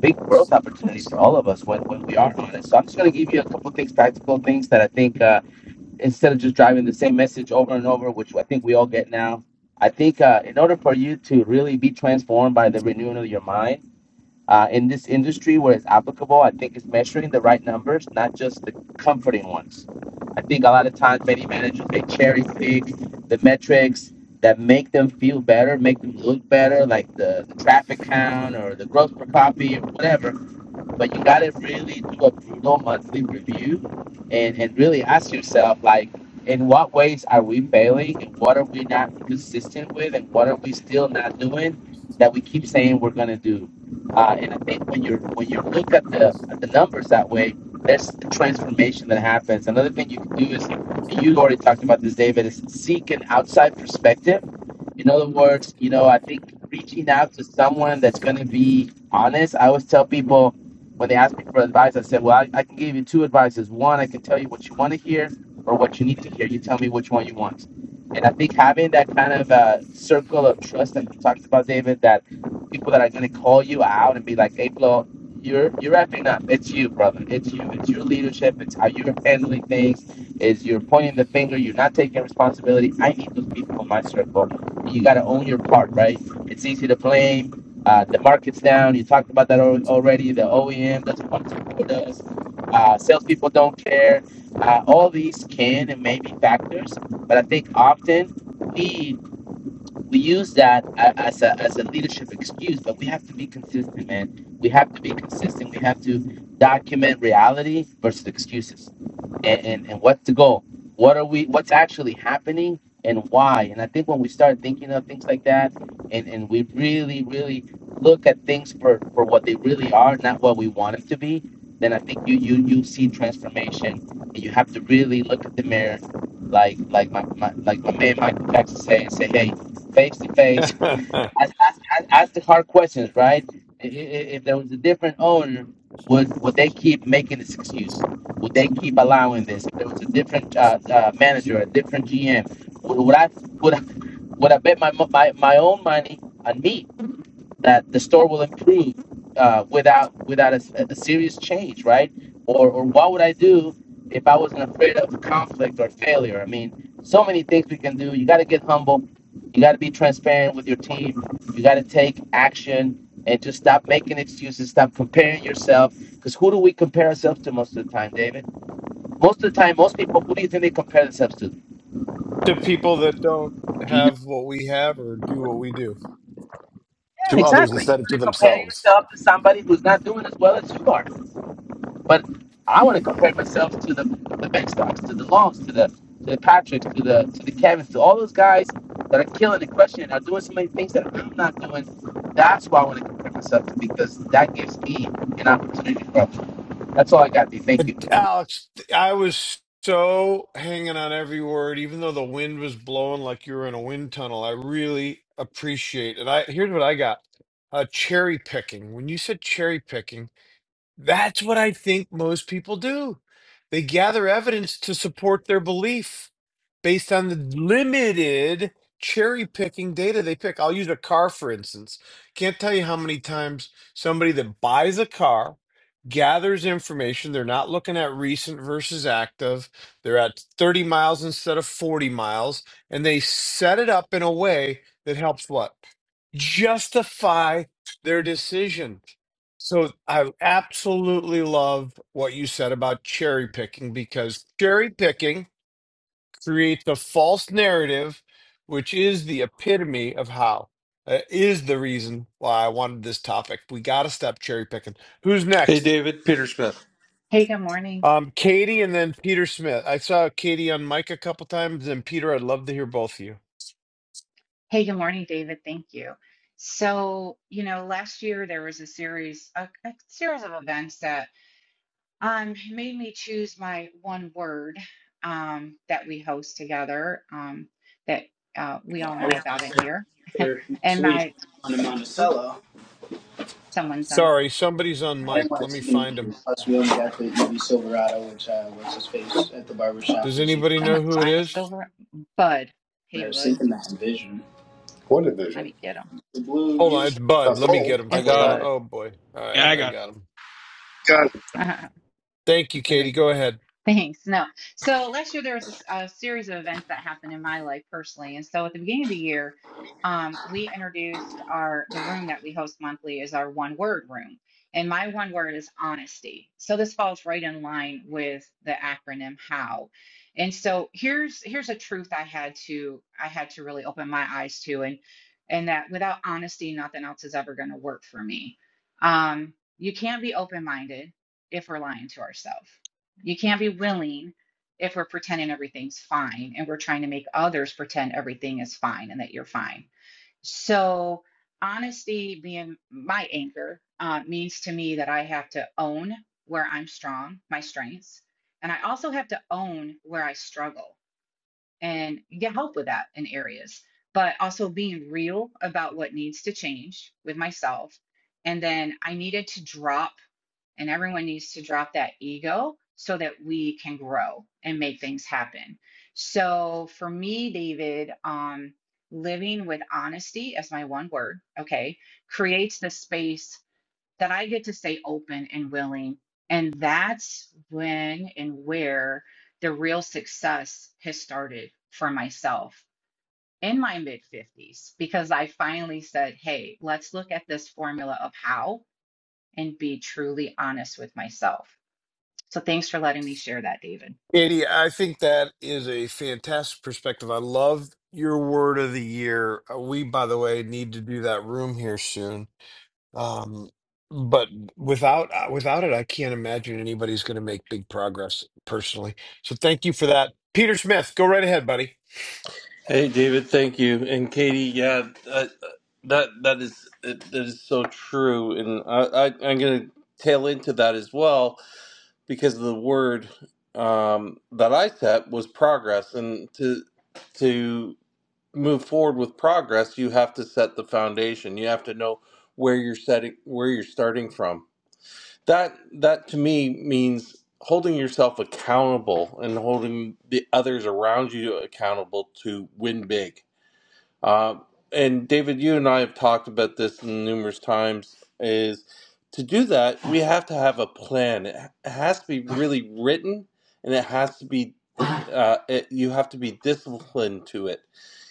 [SPEAKER 12] big growth opportunities for all of us when, when we are honest. So I'm just going to give you a couple of things, practical things that I think uh, instead of just driving the same message over and over, which I think we all get now, I think uh, in order for you to really be transformed by the renewing of your mind, uh, in this industry where it's applicable. I think it's measuring the right numbers, not just the comforting ones. I think a lot of times many managers they cherry pick the metrics that make them feel better, make them look better, like the, the traffic count or the growth per copy or whatever but you gotta really do a brutal monthly review and, and really ask yourself like in what ways are we failing and what are we not consistent with and what are we still not doing that we keep saying we're gonna do uh, and I think when you're when you look at the at the numbers that way there's a transformation that happens another thing you can do is and you already talked about this David is seek an outside perspective in other words you know I think reaching out to someone that's gonna be honest I always tell people when they asked me for advice, I said, Well, I, I can give you two advices. One, I can tell you what you want to hear or what you need to hear. You tell me which one you want. And I think having that kind of uh, circle of trust that you talked about, David, that people that are going to call you out and be like, Hey, Flo, you're, you're wrapping up. It's you, brother. It's you. It's your leadership. It's how you're handling things. Is you're pointing the finger. You're not taking responsibility. I need those people in my circle. You got to own your part, right? It's easy to blame uh, the market's down. You talked about that al- already. The OEM doesn't want to support us. Uh, salespeople don't care. Uh, all these can and may be factors, but I think often we we use that as a, as a leadership excuse, but we have to be consistent, man. We have to be consistent. We have to document reality versus excuses. And, and, and what's the goal? What are we, what's actually happening and why? And I think when we start thinking of things like that and, and we really, really look at things for, for what they really are, not what we want them to be, then I think you, you, you see transformation and you have to really look at the mirror like, like my, my like my man Michael Jackson say and say, Hey, face to face, ask, ask, ask ask the hard questions, right? I- i- If there was a different owner, would would they keep making this excuse? Would they keep allowing this? If there was a different uh, uh, manager, a different GM, would, would I would I, would I bet my, mo- my my own money on me that the store will improve uh, without without a, a serious change, right? Or or what would I do if I wasn't afraid of conflict or failure? I mean, so many things we can do. You got to get humble. You got to be transparent with your team. You got to take action and just stop making excuses. Stop comparing yourself. Because who do we compare ourselves to most of the time, David? Most of the time, most people, who do you think they compare themselves to?
[SPEAKER 1] to people that don't
[SPEAKER 12] Do you know?
[SPEAKER 1] have what we have or do what we do.
[SPEAKER 12] Yeah,
[SPEAKER 13] to others
[SPEAKER 12] exactly.
[SPEAKER 13] instead of to
[SPEAKER 12] You compare
[SPEAKER 13] themselves.
[SPEAKER 12] yourself to somebody who's not doing as well as you are But I want to compare myself to the the Ben Stocks, to the Longs, to the to the Patricks, to the to the Kevins, to all those guys that are killing the question and are doing so many things that I'm not doing. That's why I want to compare myself to because that gives me an opportunity to grow. That's all I got. D. Thank you.
[SPEAKER 1] But Alex, I was so hanging on every word, even though the wind was blowing like you were in a wind tunnel. I really appreciate it. I here's what I got: uh, cherry picking. When you said cherry picking. That's what I think most people do. They gather evidence to support their belief based on the limited cherry picking data they pick. I'll use a car, for instance. Can't tell you how many times somebody that buys a car gathers information. They're not looking at recent versus active, they're at 30 miles instead of 40 miles, and they set it up in a way that helps what? Justify their decision. So I absolutely love what you said about cherry picking because cherry picking creates a false narrative, which is the epitome of how uh, is the reason why I wanted this topic. We got to stop cherry picking. Who's
[SPEAKER 14] Hey,
[SPEAKER 1] next?
[SPEAKER 14] David, Peter Smith.
[SPEAKER 15] Hey, good morning.
[SPEAKER 1] Um, Katie and then Peter Smith. I saw Katie on mic a couple times, and Peter, I'd love to hear both of you.
[SPEAKER 15] Hey, good morning, David. Thank you. So, you know, last year there was a series, a, a series of events that um, made me choose my one word um, that we host together um, that uh, we all
[SPEAKER 16] I was
[SPEAKER 15] know
[SPEAKER 16] going
[SPEAKER 15] about
[SPEAKER 16] to
[SPEAKER 15] in
[SPEAKER 16] say
[SPEAKER 15] here.
[SPEAKER 16] for next
[SPEAKER 15] And
[SPEAKER 16] week
[SPEAKER 15] my,
[SPEAKER 16] on the
[SPEAKER 15] oop,
[SPEAKER 16] Monticello.
[SPEAKER 15] someone's on
[SPEAKER 1] Sorry, somebody's on
[SPEAKER 16] I
[SPEAKER 15] my,
[SPEAKER 1] mic.
[SPEAKER 16] didn't
[SPEAKER 1] Let
[SPEAKER 16] want
[SPEAKER 1] me
[SPEAKER 16] to take
[SPEAKER 1] find him.
[SPEAKER 16] anything. Plus, we
[SPEAKER 15] yeah,
[SPEAKER 16] only
[SPEAKER 15] let
[SPEAKER 16] got
[SPEAKER 15] me,
[SPEAKER 16] the EV Silverado, which uh, what's his face at the barbershop
[SPEAKER 1] Does
[SPEAKER 16] is you.
[SPEAKER 1] anybody know
[SPEAKER 15] someone's
[SPEAKER 1] who it
[SPEAKER 15] buying a
[SPEAKER 1] is?
[SPEAKER 15] silver Bud. Hey,
[SPEAKER 16] I was
[SPEAKER 15] Bud,
[SPEAKER 16] thinking that in vision. What
[SPEAKER 15] let
[SPEAKER 16] division?
[SPEAKER 15] me get him.
[SPEAKER 16] The blue
[SPEAKER 1] Hold on,
[SPEAKER 16] used
[SPEAKER 1] it's Bud.
[SPEAKER 16] That's
[SPEAKER 1] Let me
[SPEAKER 16] old.
[SPEAKER 1] get him
[SPEAKER 14] I
[SPEAKER 15] It's
[SPEAKER 1] for
[SPEAKER 14] got
[SPEAKER 1] you.
[SPEAKER 14] him.
[SPEAKER 15] Bud.
[SPEAKER 1] Oh boy. All right,
[SPEAKER 10] Yeah, I
[SPEAKER 1] I
[SPEAKER 10] got.
[SPEAKER 1] got him.
[SPEAKER 3] God
[SPEAKER 1] Thank you, Katie. Go ahead.
[SPEAKER 15] Thanks. No. So last year there was a, s- a series of events that happened in my life personally, and so at the beginning of the year, um, we introduced our the room that we host monthly is our one word room, and my one word is honesty. So this falls right in line with the acronym HOW. And so here's here's a truth I had to I had to really open my eyes to, and and that without honesty, nothing else is ever going to work for me. Um, you can't be open minded if we're lying to ourselves you can't be willing if we're pretending everything's fine and we're trying to make others pretend everything is fine and that you're fine. So, honesty being my anchor uh, means to me that I have to own where I'm strong, my strengths, and I also have to own where I struggle and get help with that in areas, but also being real about what needs to change with myself. And then I needed to drop and everyone needs to drop that ego so that we can grow and make things happen. So for me, David, um, living with honesty as my one word, okay, creates the space that I get to stay open and willing. And that's when and where the real success has started for myself in my mid 50s because I finally said, hey, let's look at this formula of how and be truly honest with myself. So thanks for letting me share that, David.
[SPEAKER 1] Katie, I think that is a fantastic perspective. I love your word of the year. Uh, We, by the way, need to do that room here soon. Um, but without uh, without it, I can't imagine anybody's going to make big progress personally. So thank you for that. Peter Smith, go right ahead, buddy.
[SPEAKER 14] Hey, David, thank you. And Katie, yeah, I, that that is that is so true. And I, I I'm gonna tail into that as well because the word um, that I set was progress, and to to move forward with progress, you have to set the foundation. You have to know where you're setting, where you're starting from That that to me means holding yourself accountable and holding the others around you accountable to win big. Uh, and David, you and I have talked about this numerous times. Is to do that, we have to have a plan. It has to be really written, and it has to be. Uh, it, you have to be disciplined to it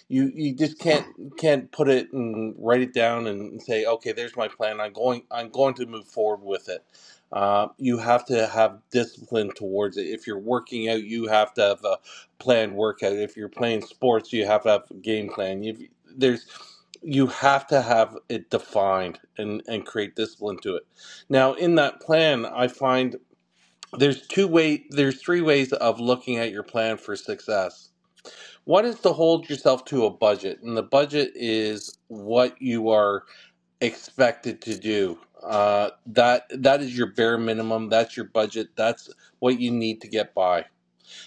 [SPEAKER 14] you you just can't can't put it and write it down and say okay there's my plan i'm going i'm going to move forward with it uh, you have to have discipline towards it if you're working out you have to have a planned workout if you're playing sports you have to have a game plan you there's you have to have it defined and and create discipline to it now in that plan i find there's two way there's three ways of looking at your plan for success what is to hold yourself to a budget? And the budget is what you are expected to do. Uh, that that is your bare minimum. That's your budget. That's what you need to get by.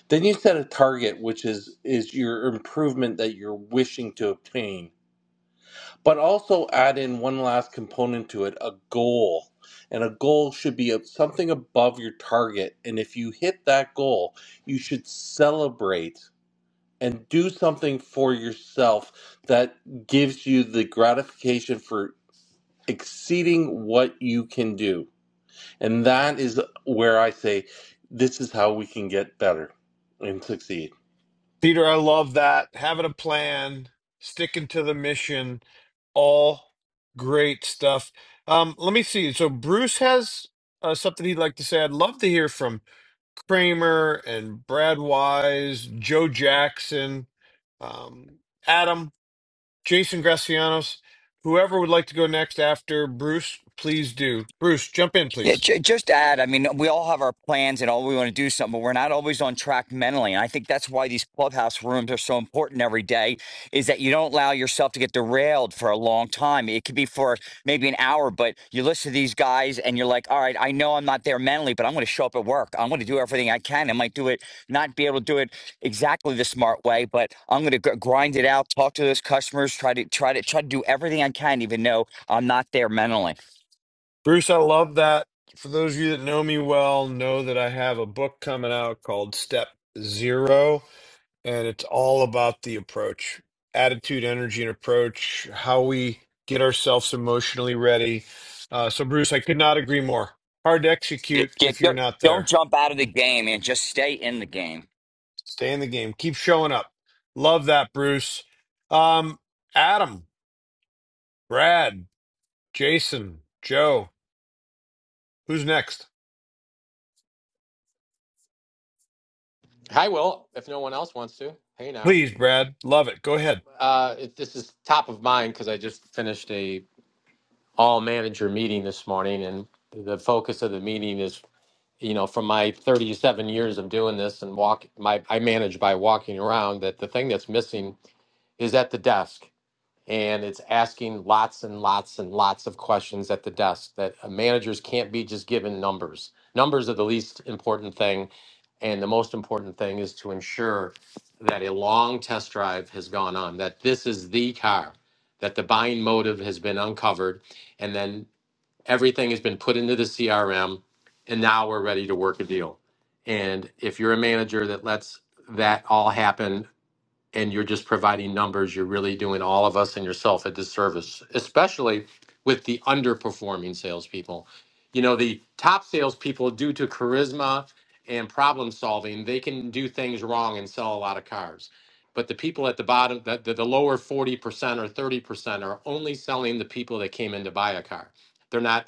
[SPEAKER 14] Then you set a target, which is is your improvement that you're wishing to obtain. But also add in one last component to it, a goal. And a goal should be something above your target. And if you hit that goal, you should celebrate and do something for yourself that gives you the gratification for exceeding what you can do. And that is where I say, this is how we can get better and succeed.
[SPEAKER 1] Peter, I love that. Having a plan, sticking to the mission, all great stuff. Um, let me see. So Bruce has uh, something he'd like to say. I'd love to hear from Kramer and Brad Wise, Joe Jackson, um, Adam, Jason Gracianos, whoever would like to go next after Bruce, please do. Bruce, jump in,
[SPEAKER 17] Yeah,
[SPEAKER 1] please.
[SPEAKER 17] ju- just to add, I mean, we all have our plans and all we want to do something, but we're not always on track mentally. And I think that's why these clubhouse rooms are so important every day is that you don't allow yourself to get derailed for a long time. It could be for maybe an hour, but you listen to these guys and you're like, all right, I know I'm not there mentally, but I'm going to show up at work. I'm going to do everything I can. I might do it, not be able to do it exactly the smart way, but I'm going to gr- grind it out, talk to those customers, try to, try to, try to do everything I can, even though I'm not there mentally.
[SPEAKER 1] Bruce, I love that. For those of you that know me well, know that I have a book coming out called Step Zero, and it's all about the approach, attitude, energy, and approach, how we get ourselves emotionally ready. Uh, so, Bruce, I could not agree more. Hard to
[SPEAKER 17] Yeah,
[SPEAKER 1] execute
[SPEAKER 17] yeah,
[SPEAKER 1] if you're
[SPEAKER 17] don't
[SPEAKER 1] not
[SPEAKER 17] don't
[SPEAKER 1] there.
[SPEAKER 17] jump out of the game and just stay in the game.
[SPEAKER 1] Stay in the game, keep showing up. Love that, Bruce. Um, Adam, Brad, Jason, Joe, who's next?
[SPEAKER 18] Hi, Will. If no one else wants to, hey now.
[SPEAKER 1] Please, Brad, love it. Go ahead.
[SPEAKER 18] Uh, if this is top of mind because I just finished a all manager meeting this morning, and the focus of the meeting is, you know, from my 37 years of doing this and walk, my I manage by walking around. That the thing that's missing is at the desk. and it's asking lots and lots and lots of questions at the desk that uh, managers can't be just given numbers. Numbers are the least important thing, and the most important thing is to ensure that a long test drive has gone on, that this is the car, that the buying motive has been uncovered, and then everything has been put into the CRM, and now we're ready to work a deal. And if you're a manager that lets that all happen and you're just providing numbers, you're really doing all of us and yourself a disservice, especially with the underperforming salespeople. You know, the top salespeople, due to charisma and problem solving, they can do things wrong and sell a lot of cars. But the people at the bottom, the, the, the lower 40% or 30% are only selling the people that came in to buy a car. They're not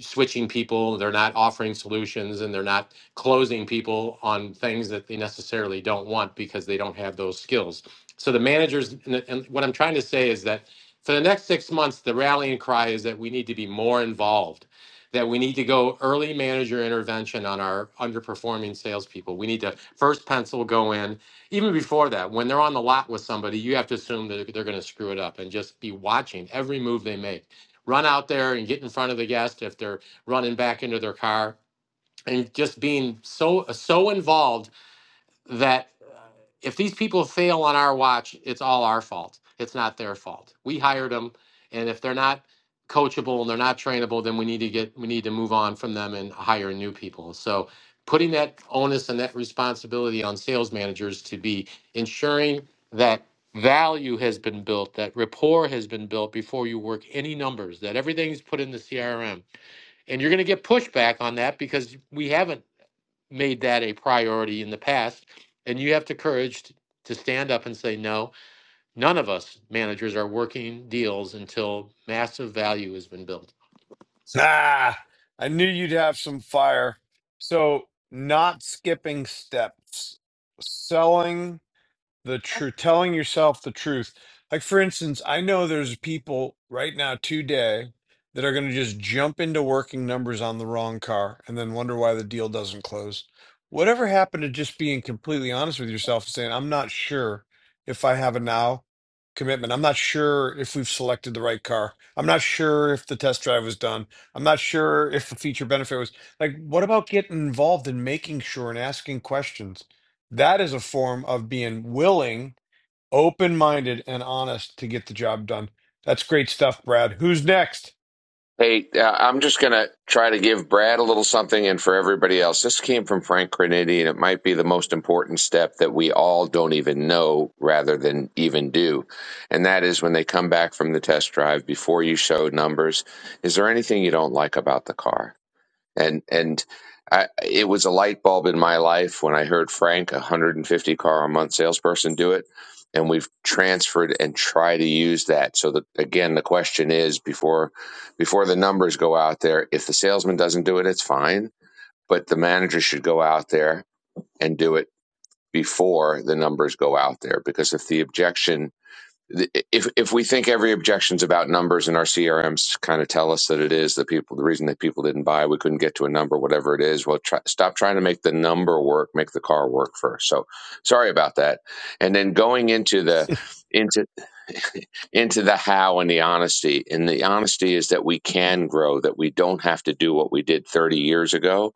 [SPEAKER 18] switching people, they're not offering solutions, and they're not closing people on things that they necessarily don't want because they don't have those skills. So the managers, and, and what I'm trying to say is that for the next six months, the rallying cry is that we need to be more involved. That we need to go early manager intervention on our underperforming salespeople. We need to first pencil go in. Even before that, when they're on the lot with somebody, you have to assume that they're going to screw it up and just be watching every move they make run out there and get in front of the guest if they're running back into their car and just being so so involved that uh, if these people fail on our watch, it's all our fault. It's not their fault. We hired them, and if they're not coachable and they're not trainable, then we need to get we need to move on from them and hire new people. So putting that onus and that responsibility on sales managers to be ensuring that value has been built, that rapport has been built before you work any numbers, that everything's put in the CRM. And you're going to get pushback on that because we haven't made that a priority in the past. And you have the courage to stand up and say, no, none of us managers are working deals until massive value has been built.
[SPEAKER 1] So, Ah, I knew you'd have some fire. So, not skipping steps, selling the truth, telling yourself the truth. Like, for instance, I know there's people right now today that are going to just jump into working numbers on the wrong car and then wonder why the deal doesn't close. Whatever happened to just being completely honest with yourself and saying, I'm not sure if I have a now commitment. I'm not sure if we've selected the right car. I'm not sure if the test drive was done. I'm not sure if the feature benefit was like, what about getting involved in making sure and asking questions? That is a form of being willing, open minded, and honest to get the job done. That's great stuff, Brad. Who's next?
[SPEAKER 7] Hey, uh, I'm just going to try to give Brad a little something and for everybody else. This came from Frank Graniti, and it might be the most important step that we all don't even know rather than even do. And that is when they come back from the test drive before you show numbers, is there anything you don't like about the car? and and I, it was a light bulb in my life when I heard Frank, a 150 car a month salesperson, do it, and we've transferred and try to use that. So that again, the question is before before the numbers go out there, if the salesman doesn't do it, it's fine, but the manager should go out there and do it before the numbers go out there because if the objection if if we think every objection's about numbers and our CRMs kind of tell us that it is the people the reason that people didn't buy we couldn't get to a number whatever it is well try, stop trying to make the number work make the car work first so sorry about that and then going into the into into the how and the honesty and the honesty is that we can grow that we don't have to do what we did 30 years ago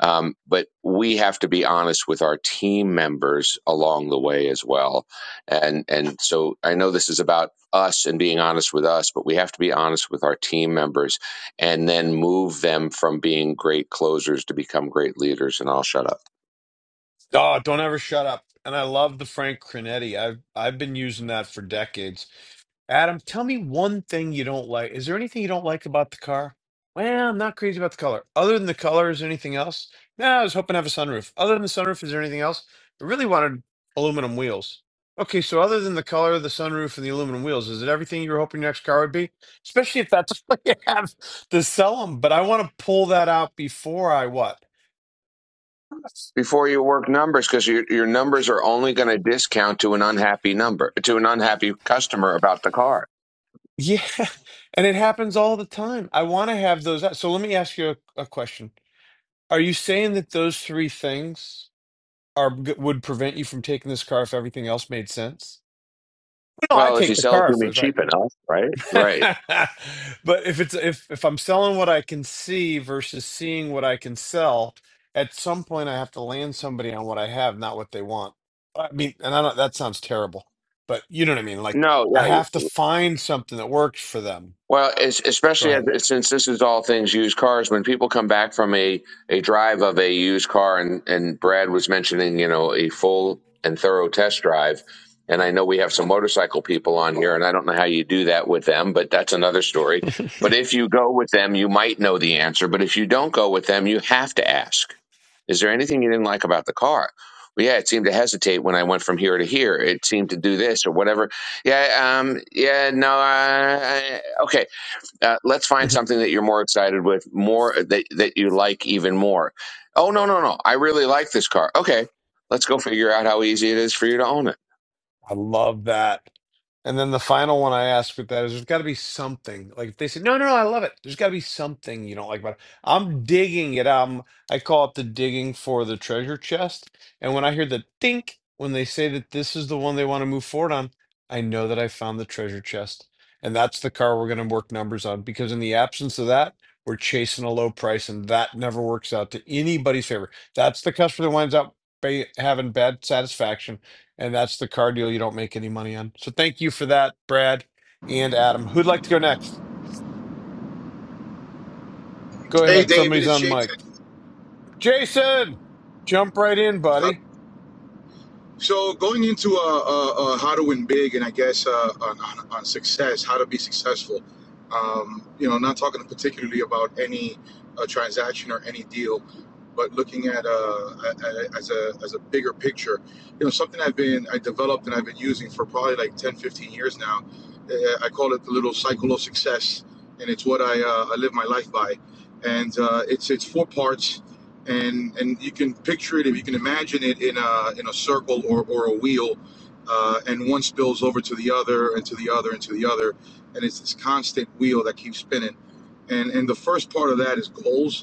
[SPEAKER 7] um, but we have to be honest with our team members along the way as well. And and so I know this is about us and being honest with us, but we have to be honest with our team members and then move them from being great closers to become great leaders. And I'll shut up
[SPEAKER 1] Oh, don't ever shut up. And I love the Frank Cronetti. I've I've been using that for decades. Adam, tell me one thing you don't like. Is there anything you don't like about the car? Well, I'm not crazy about the color. Other than the color, is there anything else? No, I was hoping to have a sunroof. Other than the sunroof, is there anything else? I really wanted aluminum wheels. Okay, so other than the color, the sunroof, and the aluminum wheels, is it everything you were hoping your next car would be? Especially if that's what you have to sell them. But I want to pull that out before I what?
[SPEAKER 7] before you work numbers because your your numbers are only going to discount to an unhappy number to an unhappy customer about the car.
[SPEAKER 1] Yeah, and it happens all the time. I want to have those. So let me ask you a, a question. Are you saying that those three things are g- would prevent you from taking this car if everything else made sense? No, I'd
[SPEAKER 7] Well, if you
[SPEAKER 1] take the
[SPEAKER 7] sell it
[SPEAKER 1] car
[SPEAKER 7] to
[SPEAKER 1] if it
[SPEAKER 7] me
[SPEAKER 1] was right.
[SPEAKER 7] cheap enough, right? Right.
[SPEAKER 1] But if it's if if I'm selling what I can see versus seeing what I can sell, at some point I have to land somebody on what I have, not what they want. I mean, and I don't, that sounds terrible, but you know what I mean? Like
[SPEAKER 7] No, yeah.
[SPEAKER 1] I have to find something that works for them.
[SPEAKER 7] Well, es-
[SPEAKER 1] Go
[SPEAKER 7] especially
[SPEAKER 1] ahead.
[SPEAKER 7] as, since this is all things used cars, when people come back from a, a drive of a used car, and, and Brad was mentioning, you know, a full and thorough test drive. And I know we have some motorcycle people on here, and I don't know how you do that with them, but that's another story. But if you go with them, you might know the answer. But if you don't go with them, you have to ask Is there anything you didn't like about the car? Well, yeah, it seemed to hesitate when I went from here to here. It seemed to do this or whatever. Yeah, um, yeah, no, I, I- okay uh, let's find something that you're more excited with, more uh, that that you like even more. Oh no, no, no! I really like this car. Okay, let's go figure out how easy it is for you to own it.
[SPEAKER 1] I love that. And then the final one I asked with that is there's got to be something. Like if they say, no, no, no, I love it. There's got to be something you don't like about it. I'm digging it. Um, I call it the digging for the treasure chest. And when I hear the think, when they say that this is the one they want to move forward on, I know that I found the treasure chest. And that's the car we're going to work numbers on because in the absence of that, we're chasing a low price and that never works out to anybody's favor. That's the customer that winds up ba- having bad satisfaction and that's the car deal you don't make any money on. So thank you for that, Brad and Adam. Who'd like to go next? Go
[SPEAKER 19] Hey,
[SPEAKER 1] ahead.
[SPEAKER 19] David,
[SPEAKER 1] Somebody's
[SPEAKER 19] it's
[SPEAKER 1] on mic.
[SPEAKER 19] Jason.
[SPEAKER 1] Jason, jump right in,
[SPEAKER 19] Uh,
[SPEAKER 1] buddy.
[SPEAKER 19] so going into uh, uh, uh, how to win big, and I guess uh, on, on, on success, how to be successful. Um, you know, not talking particularly about any uh, transaction or any deal. but looking at uh, as a as a bigger picture, you know, something I've been I developed and I've been using for probably like 10, 15 years now. Uh, I call it the little cycle of success, and it's what I, uh, I live my life by. And uh, it's it's four parts, and and you can picture it if you can imagine it in a in a circle or or a wheel. Uh, and one spills over to the other and to the other and to the other and it's this constant wheel that keeps spinning and and the first part of that is goals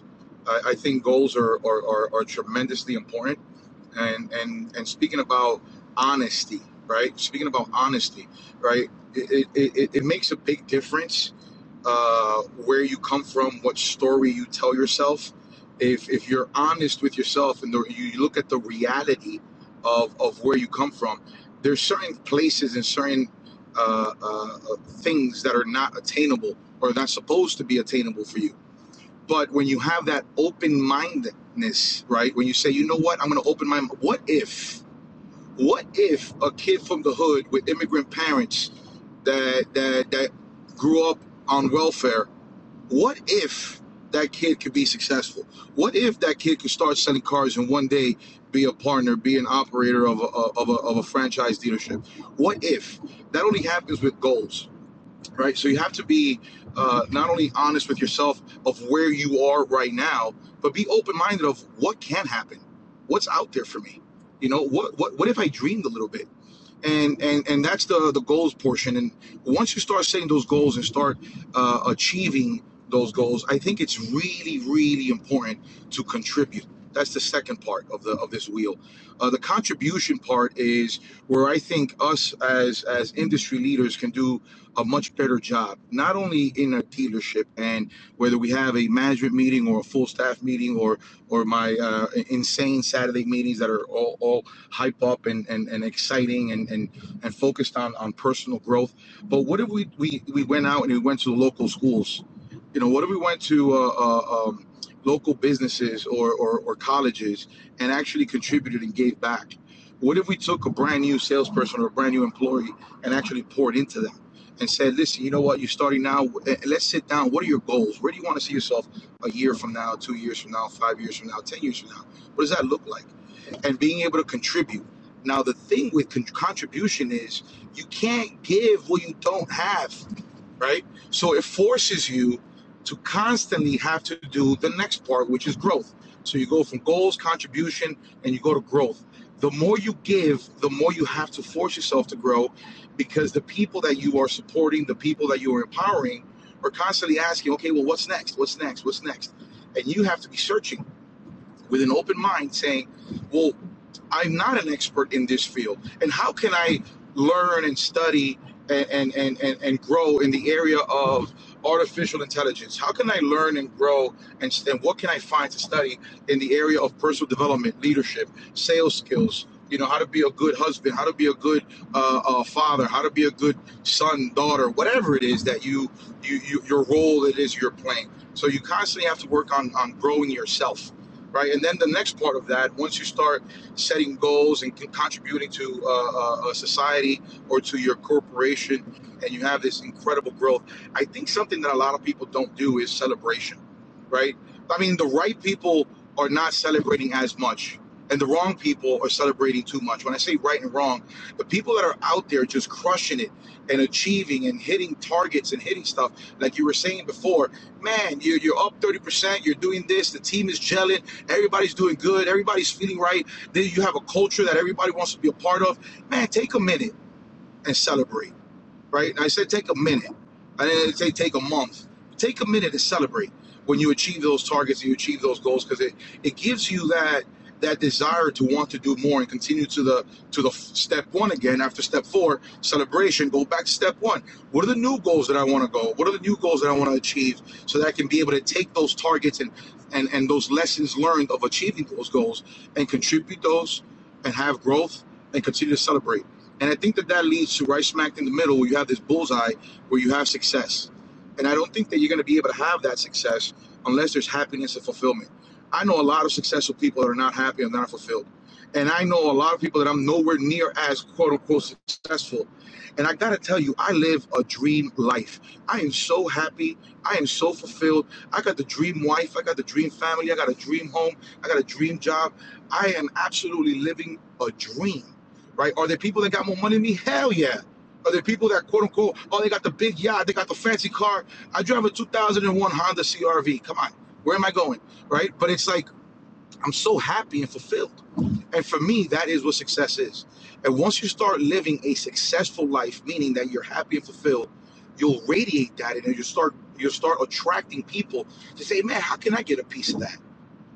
[SPEAKER 19] I, I think goals are, are, are, are tremendously important. And, and, and speaking about honesty, right? Speaking about honesty, right? It, it, it, it makes a big difference uh, where you come from, what story you tell yourself. If, if you're honest with yourself and the, you look at the reality of, of where you come from, there's certain places and certain uh, uh, uh, things that are not attainable or not supposed to be attainable for you but when you have that open mindedness, right? When you say, you know what, I'm going to open my mind. what if, what if a kid from the hood with immigrant parents that that that grew up on welfare, what if that kid could be successful? What if that kid could start selling cars and one day be a partner, be an operator of a, of a, of a franchise dealership? What if that only happens with goals? right? So you have to be uh, not only honest with yourself of where you are right now, but be open minded of what can happen, what's out there for me. You know, what what what if I dreamed a little bit? and and and that's the the goals portion and once you start setting those goals and start uh, achieving those goals i think it's really really important to contribute that's the second part of the of this wheel uh, the contribution part is where i think us as as industry leaders can do a much better job not only in a dealership and whether we have a management meeting or a full staff meeting or or my uh, insane saturday meetings that are all all hype up and, and, and exciting and, and, and focused on, on personal growth. But what if we, we, we went out and we went to the local schools? You know, what if we went to uh, uh, um, local businesses or, or, or colleges and actually contributed and gave back? What if we took a brand new salesperson or a brand new employee and actually poured into them? And said, listen, you know what? You're starting now. Eh, eh, Let's sit down. What are your goals? Where do you want to see yourself a year from now, two years from now, five years from now, ten years from now? What does that look like? and being able to contribute. Now, the thing with con- contribution is you can't give what you don't have, right? So it forces you to constantly have to do the next part, which is growth. So you go from goals, contribution, and you go to growth. The more you give, the more you have to force yourself to grow because the people that you are supporting, the people that you are empowering, are constantly asking, okay, well, what's next? What's next? What's next? And you have to be searching with an open mind saying, well, I'm not an expert in this field. And how can I learn and study and, and, and, and, and grow in the area of artificial intelligence? How can I learn and grow and, st- and what can I find to study in the area of personal development, leadership, sales skills? You know, how to be a good husband, how to be a good uh, uh, father, how to be a good son, daughter, whatever it is that you, you, you your role it is you're playing. So you constantly have to work on, on growing yourself right? And then the next part of that, once you start setting goals and contributing to uh, uh, a society or to your corporation, and you have this incredible growth, I think something that a lot of people don't do is celebration, right? I mean, the right people are not celebrating as much. And the wrong people are celebrating too much. When I say right and wrong, the people that are out there just crushing it and achieving and hitting targets and hitting stuff, like you were saying before, man, you're, you're up 30%, you're doing this, the team is gelling Everybody's doing good. Everybody's feeling right. Then you have a culture that everybody wants to be a part of. Man, take a minute and celebrate right? And I said take a minute. I didn't say take a month. Take a minute to celebrate when you achieve those targets and you achieve those goals because it, it gives you that that desire to want to do more and continue to the to the step one again after step four celebration go back to step one what are the new goals that i want to go what are the new goals that i want to achieve so that i can be able to take those targets and and and those lessons learned of achieving those goals and contribute those and have growth and continue to celebrate and I think that that leads to right smack in the middle where you have this bullseye where you have success. And I don't think that you're going to be able to have that success unless there's happiness and fulfillment. I know a lot of successful people that are not happy and not fulfilled. And I know a lot of people that I'm nowhere near as quote unquote successful. And I got to tell you, I live a dream life. I am so happy. I am so fulfilled. I got the dream wife. I got the dream family. I got a dream home. I got a dream job. I am absolutely living a dream right? Are there people that got more money than me? Hell yeah. Are there people that quote unquote, oh, they got the big yacht, they got the fancy car? I drive a 2001 Honda CRV. Come on, where am I going, right? But it's like I'm so happy and fulfilled, and for me, that is what success is. And once you start living a successful life, meaning that you're happy and fulfilled, you'll radiate that, and then you start you will start attracting people to say, man, how can I get a piece of that?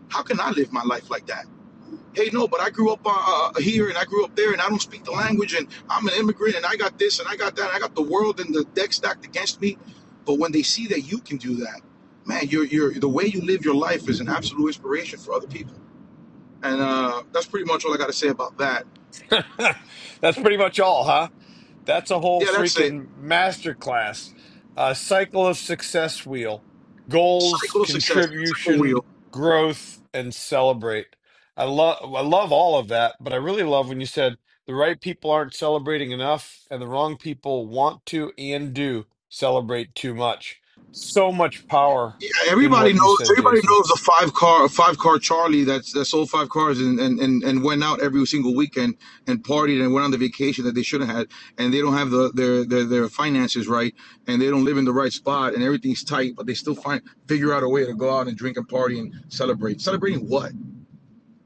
[SPEAKER 19] How can I live my life like that? hey, no, but I grew up uh, uh, uh, here and I grew up there and I don't speak the language and I'm an immigrant and I got this and I got that and I got the world and the deck stacked against me. But when they see that you can do that, man, you're, you're, the way you live your life is an absolute inspiration for other people. And uh, that's pretty much all I got to say about that.
[SPEAKER 1] that's pretty much all, huh? That's a whole
[SPEAKER 19] Yeah, that's it.
[SPEAKER 1] freaking masterclass. Uh, cycle of success wheel, goals,
[SPEAKER 19] Cycle of success, cycle wheel.
[SPEAKER 1] contribution, growth, and celebrate. I love I love all of that, but I really love when you said the right people aren't celebrating enough, and the wrong people want to and do celebrate too much. So much power
[SPEAKER 19] Yeah,
[SPEAKER 1] in
[SPEAKER 19] everybody
[SPEAKER 1] what you
[SPEAKER 19] knows.
[SPEAKER 1] said,
[SPEAKER 19] Everybody
[SPEAKER 1] Jason.
[SPEAKER 19] knows the five car, five car Charlie that's that sold five cars and, and and and went out every single weekend and partied and went on the vacation that they should have had. and they don't have the their their, their finances right, and they don't live in the right spot, and everything's tight, but they still find figure out a way to go out and drink and party and celebrate. Celebrating what?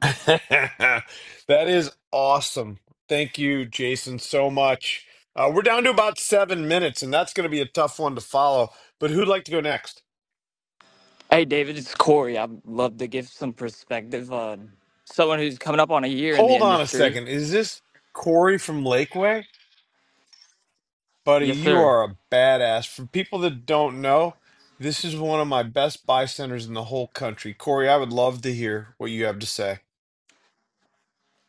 [SPEAKER 1] that is awesome. Thank you, Jason, so much. Uh, we're down to about seven minutes, and that's going to be a tough one to follow. But who'd like to go next?
[SPEAKER 20] Hey, David, it's Corey. I'd love to give some perspective on someone who's coming up on a year in the
[SPEAKER 1] Hold on a
[SPEAKER 20] industry.
[SPEAKER 1] second. Is this Corey from Lakeway? Buddy,
[SPEAKER 20] Yes,
[SPEAKER 1] you
[SPEAKER 20] sir.
[SPEAKER 1] are a badass. For people that don't know, this is one of my best buy centers in the whole country. Corey, I would love to hear what you have to say.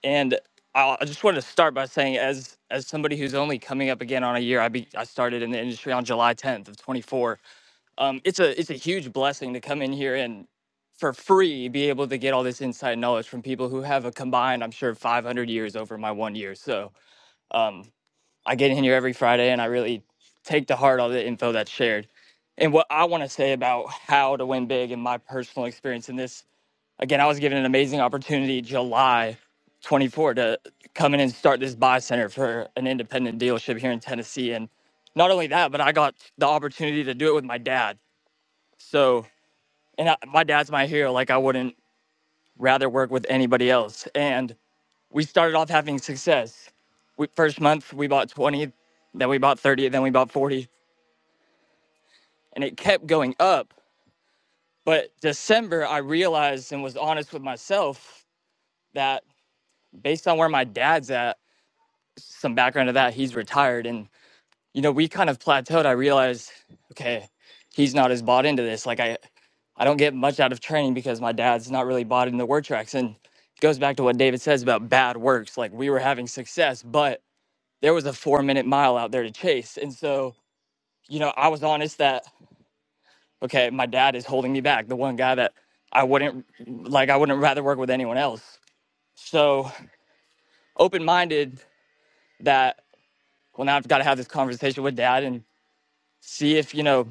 [SPEAKER 20] And I I just wanted to start by saying, as as somebody who's only coming up again on a year, I be, I started in the industry on July 10th of 24. Um, it's a it's a huge blessing to come in here and for free be able to get all this inside knowledge from people who have a combined, I'm sure, 500 years over my one year. So, um, I get in here every Friday and I really take to heart all the info that's shared. And what I want to say about how to win big and my personal experience in this, again, I was given an amazing opportunity July 24th, to come in and start this buy center for an independent dealership here in Tennessee. And not only that, but I got the opportunity to do it with my dad. So, and I, my dad's my hero. Like, I wouldn't rather work with anybody else. And we started off having success. We, first month we bought 20, then we bought 30, then we bought 40, and it kept going up. But December, I realized and was honest with myself that based on where my dad's at, some background to that, he's retired, and you know we kind of plateaued. I realized, okay, he's not as bought into this. Like I, I don't get much out of training because my dad's not really bought into word tracks, and it goes back to what David says about bad works. Like we were having success, but there was a four minute mile out there to chase. And so, you know, I was honest that, okay, my dad is holding me back, the one guy that I wouldn't like, I wouldn't rather work with anyone else. So open minded that, well, now I've got to have this conversation with dad and see if, you know,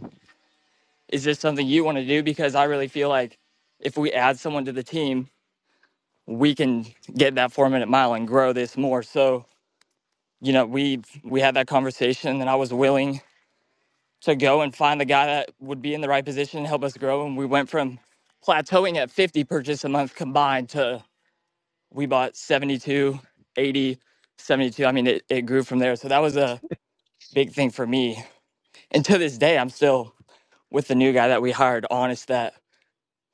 [SPEAKER 20] is this something you want to do? Because I really feel like if we add someone to the team, we can get that four minute mile and grow this more. So, you know, we we had that conversation and I was willing to go and find the guy that would be in the right position and help us grow. And we went from plateauing at 50 purchase a month combined to we bought 72, 80, 72. I mean, it, it grew from there. So that was a big thing for me. And to this day, I'm still with the new guy that we hired, honest that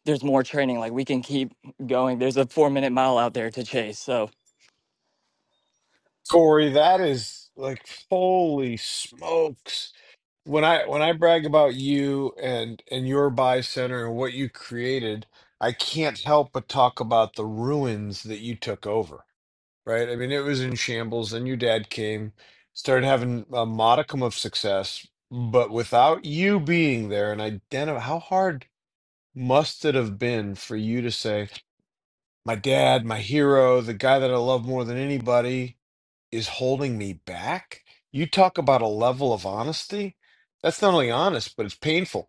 [SPEAKER 20] there's more training. Like we can keep going. There's a four minute mile out there to chase. So
[SPEAKER 1] Corey, that is like, holy smokes. when I when I brag about you and and your buy center and what you created, I can't help but talk about the ruins that you took over, right? I mean, it was in shambles, and your dad came, started having a modicum of success, but without you being there and identify how hard must it have been for you to say, my dad, my hero, the guy that I love more than anybody, is holding me back. You talk about a level of honesty. That's not only honest, but it's painful.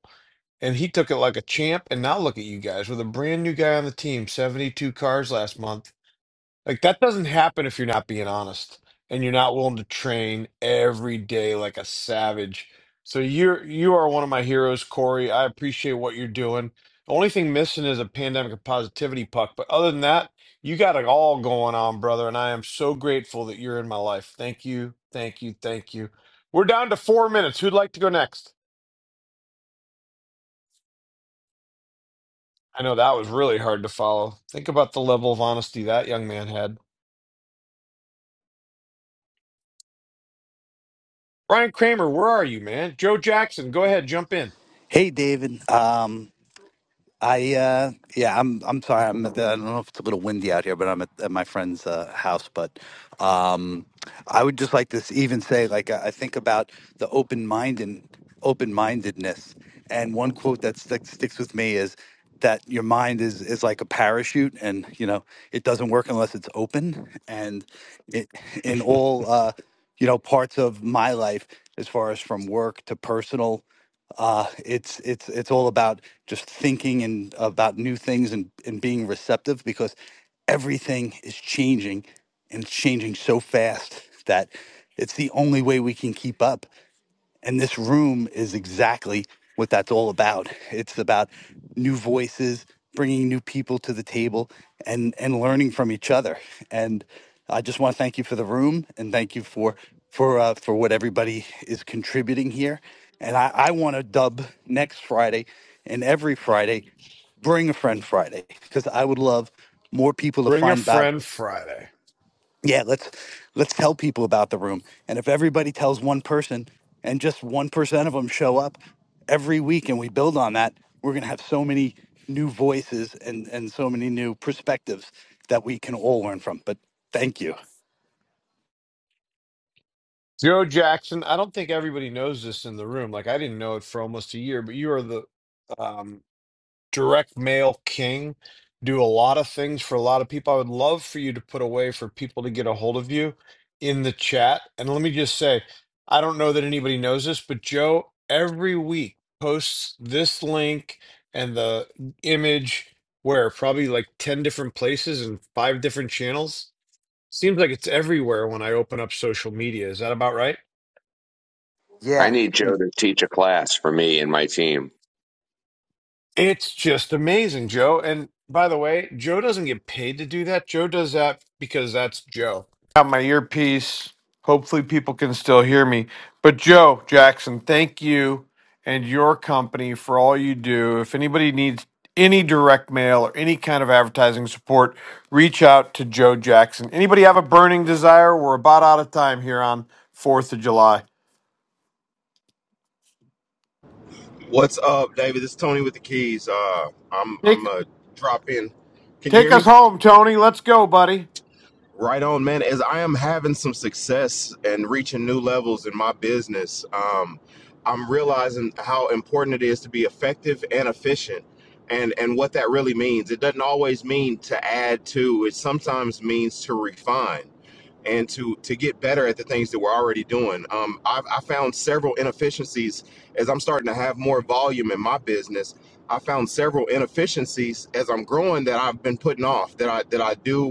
[SPEAKER 1] And he took it like a champ. And now look at you guys with a brand new guy on the team, 72 cars last month. Like that doesn't happen if you're not being honest and you're not willing to train every day like a savage. So you're you are one of my heroes, Corey. I appreciate what you're doing. The only thing missing is a pandemic of positivity puck, but other than that, you got it all going on, brother, and I am so grateful that you're in my life. Thank you. Thank you. Thank you. We're down to 4 minutes. Who'd like to go next? I know that was really hard to follow. Think about the level of honesty that young man had. Ryan Kramer, where are you, man? Joe Jackson, go ahead, jump in.
[SPEAKER 21] Hey, David. Um, I uh, yeah, I'm I'm sorry. I'm at the, I don't know if it's a little windy out here, but I'm at, at my friend's uh, house. But um, I would just like to s- even say, like, I I think about the open mind and open mindedness. And one quote that stick, sticks with me is that your mind is is like a parachute, and you know it doesn't work unless it's open. And it in all uh, you know parts of my life, as far as from work to personal uh, it's it's it's all about just thinking and about new things and and being receptive because everything is changing and it's changing so fast that it's the only way we can keep up and this room is exactly what that's all about. It's about new voices, bringing new people to the table, and and learning from each other. And I just want to thank you for the room, and thank you for for uh, for what everybody is contributing here. And I, I want to dub next Friday and every Friday, bring a friend Friday, because I would love more people to
[SPEAKER 1] Bring a
[SPEAKER 21] find about
[SPEAKER 1] friend Friday.
[SPEAKER 21] yeah let's let's tell people about the room and if everybody tells one person and just 1% of them show up every week and we build on that we're going to have so many new voices and and so many new perspectives that we can all learn from but thank you
[SPEAKER 1] Joe Jackson, I don't think everybody knows this in the room. Like I didn't know it for almost a year, but you are the um, direct mail king. Do a lot of things for a lot of people. I would love for you to put a way for people to get a hold of you in the chat. And let me just say, I don't know that anybody knows this, but Joe every week posts this link and the image where probably like 10 different places and five different channels Seems like it's everywhere when I open up social media. Is that about right?
[SPEAKER 7] I
[SPEAKER 21] Yeah.
[SPEAKER 7] need Joe to teach a class for me and my team.
[SPEAKER 1] It's just amazing, Joe. And by the way, Joe doesn't get paid to do that. Joe does that because that's Joe. Got my earpiece. Hopefully, people can still hear me. But, Joe Jackson, thank you and your company for all you do. If anybody needs any direct mail or any kind of advertising support, reach out to Joe Jackson. Anybody have a burning desire? We're about out of time here on 4th of July.
[SPEAKER 22] What's up, David? This is Tony with the keys. Uh, I'm
[SPEAKER 1] Take,
[SPEAKER 22] I'm a drop in. Can you hear
[SPEAKER 1] Take us
[SPEAKER 22] me?
[SPEAKER 1] home, Tony. Let's go, buddy.
[SPEAKER 22] Right on, man. As I am having some success and reaching new levels in my business, um, I'm realizing how important it is to be effective and efficient, and and what that really means. It doesn't always mean to add to. It sometimes means to refine and to to get better at the things that we're already doing. Um, I've I found several inefficiencies as I'm starting to have more volume in my business. I found several inefficiencies as I'm growing that I've been putting off that I that I do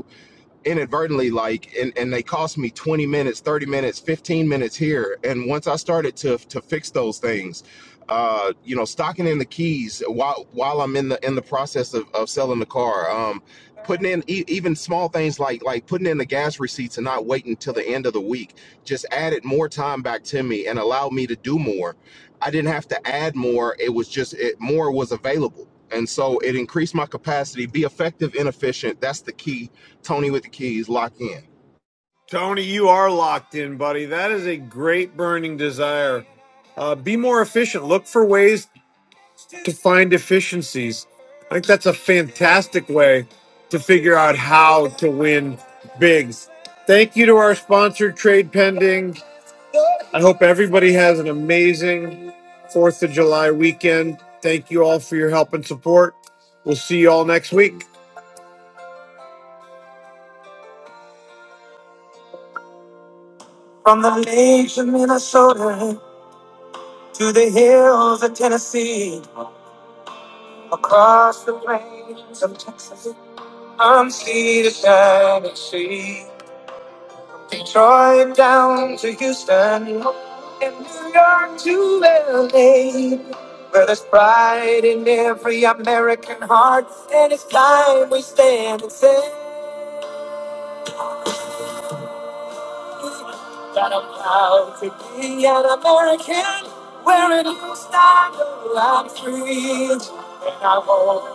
[SPEAKER 22] inadvertently like and, and they cost me 20 minutes 30 minutes 15 minutes here and once i started to to fix those things uh you know stocking in the keys while while i'm in the in the process of, of selling the car um putting in e- even small things like like putting in the gas receipts and not waiting till the end of the week just added more time back to me and allowed me to do more i didn't have to add more it was just it more was available and so it increased my capacity be effective and efficient that's the key Tony with the keys, lock in.
[SPEAKER 1] Tony, you are locked in, buddy. That is a great burning desire. Uh, be more efficient. Look for ways to find efficiencies. I think that's a fantastic way to figure out how to win big. Thank you to our sponsor, Trade Pending. I hope everybody has an amazing 4th of July weekend. Thank you all for your help and support. We'll see you all next week. From the lakes of Minnesota. To the hills of Tennessee, across the plains of Texas, from sea to shining sea, Detroit down to Houston, and New York to LA. Where there's pride in every American heart, and it's time we stand and say that I'm proud to be an American. Wearing a new style, I'm free, and I won't.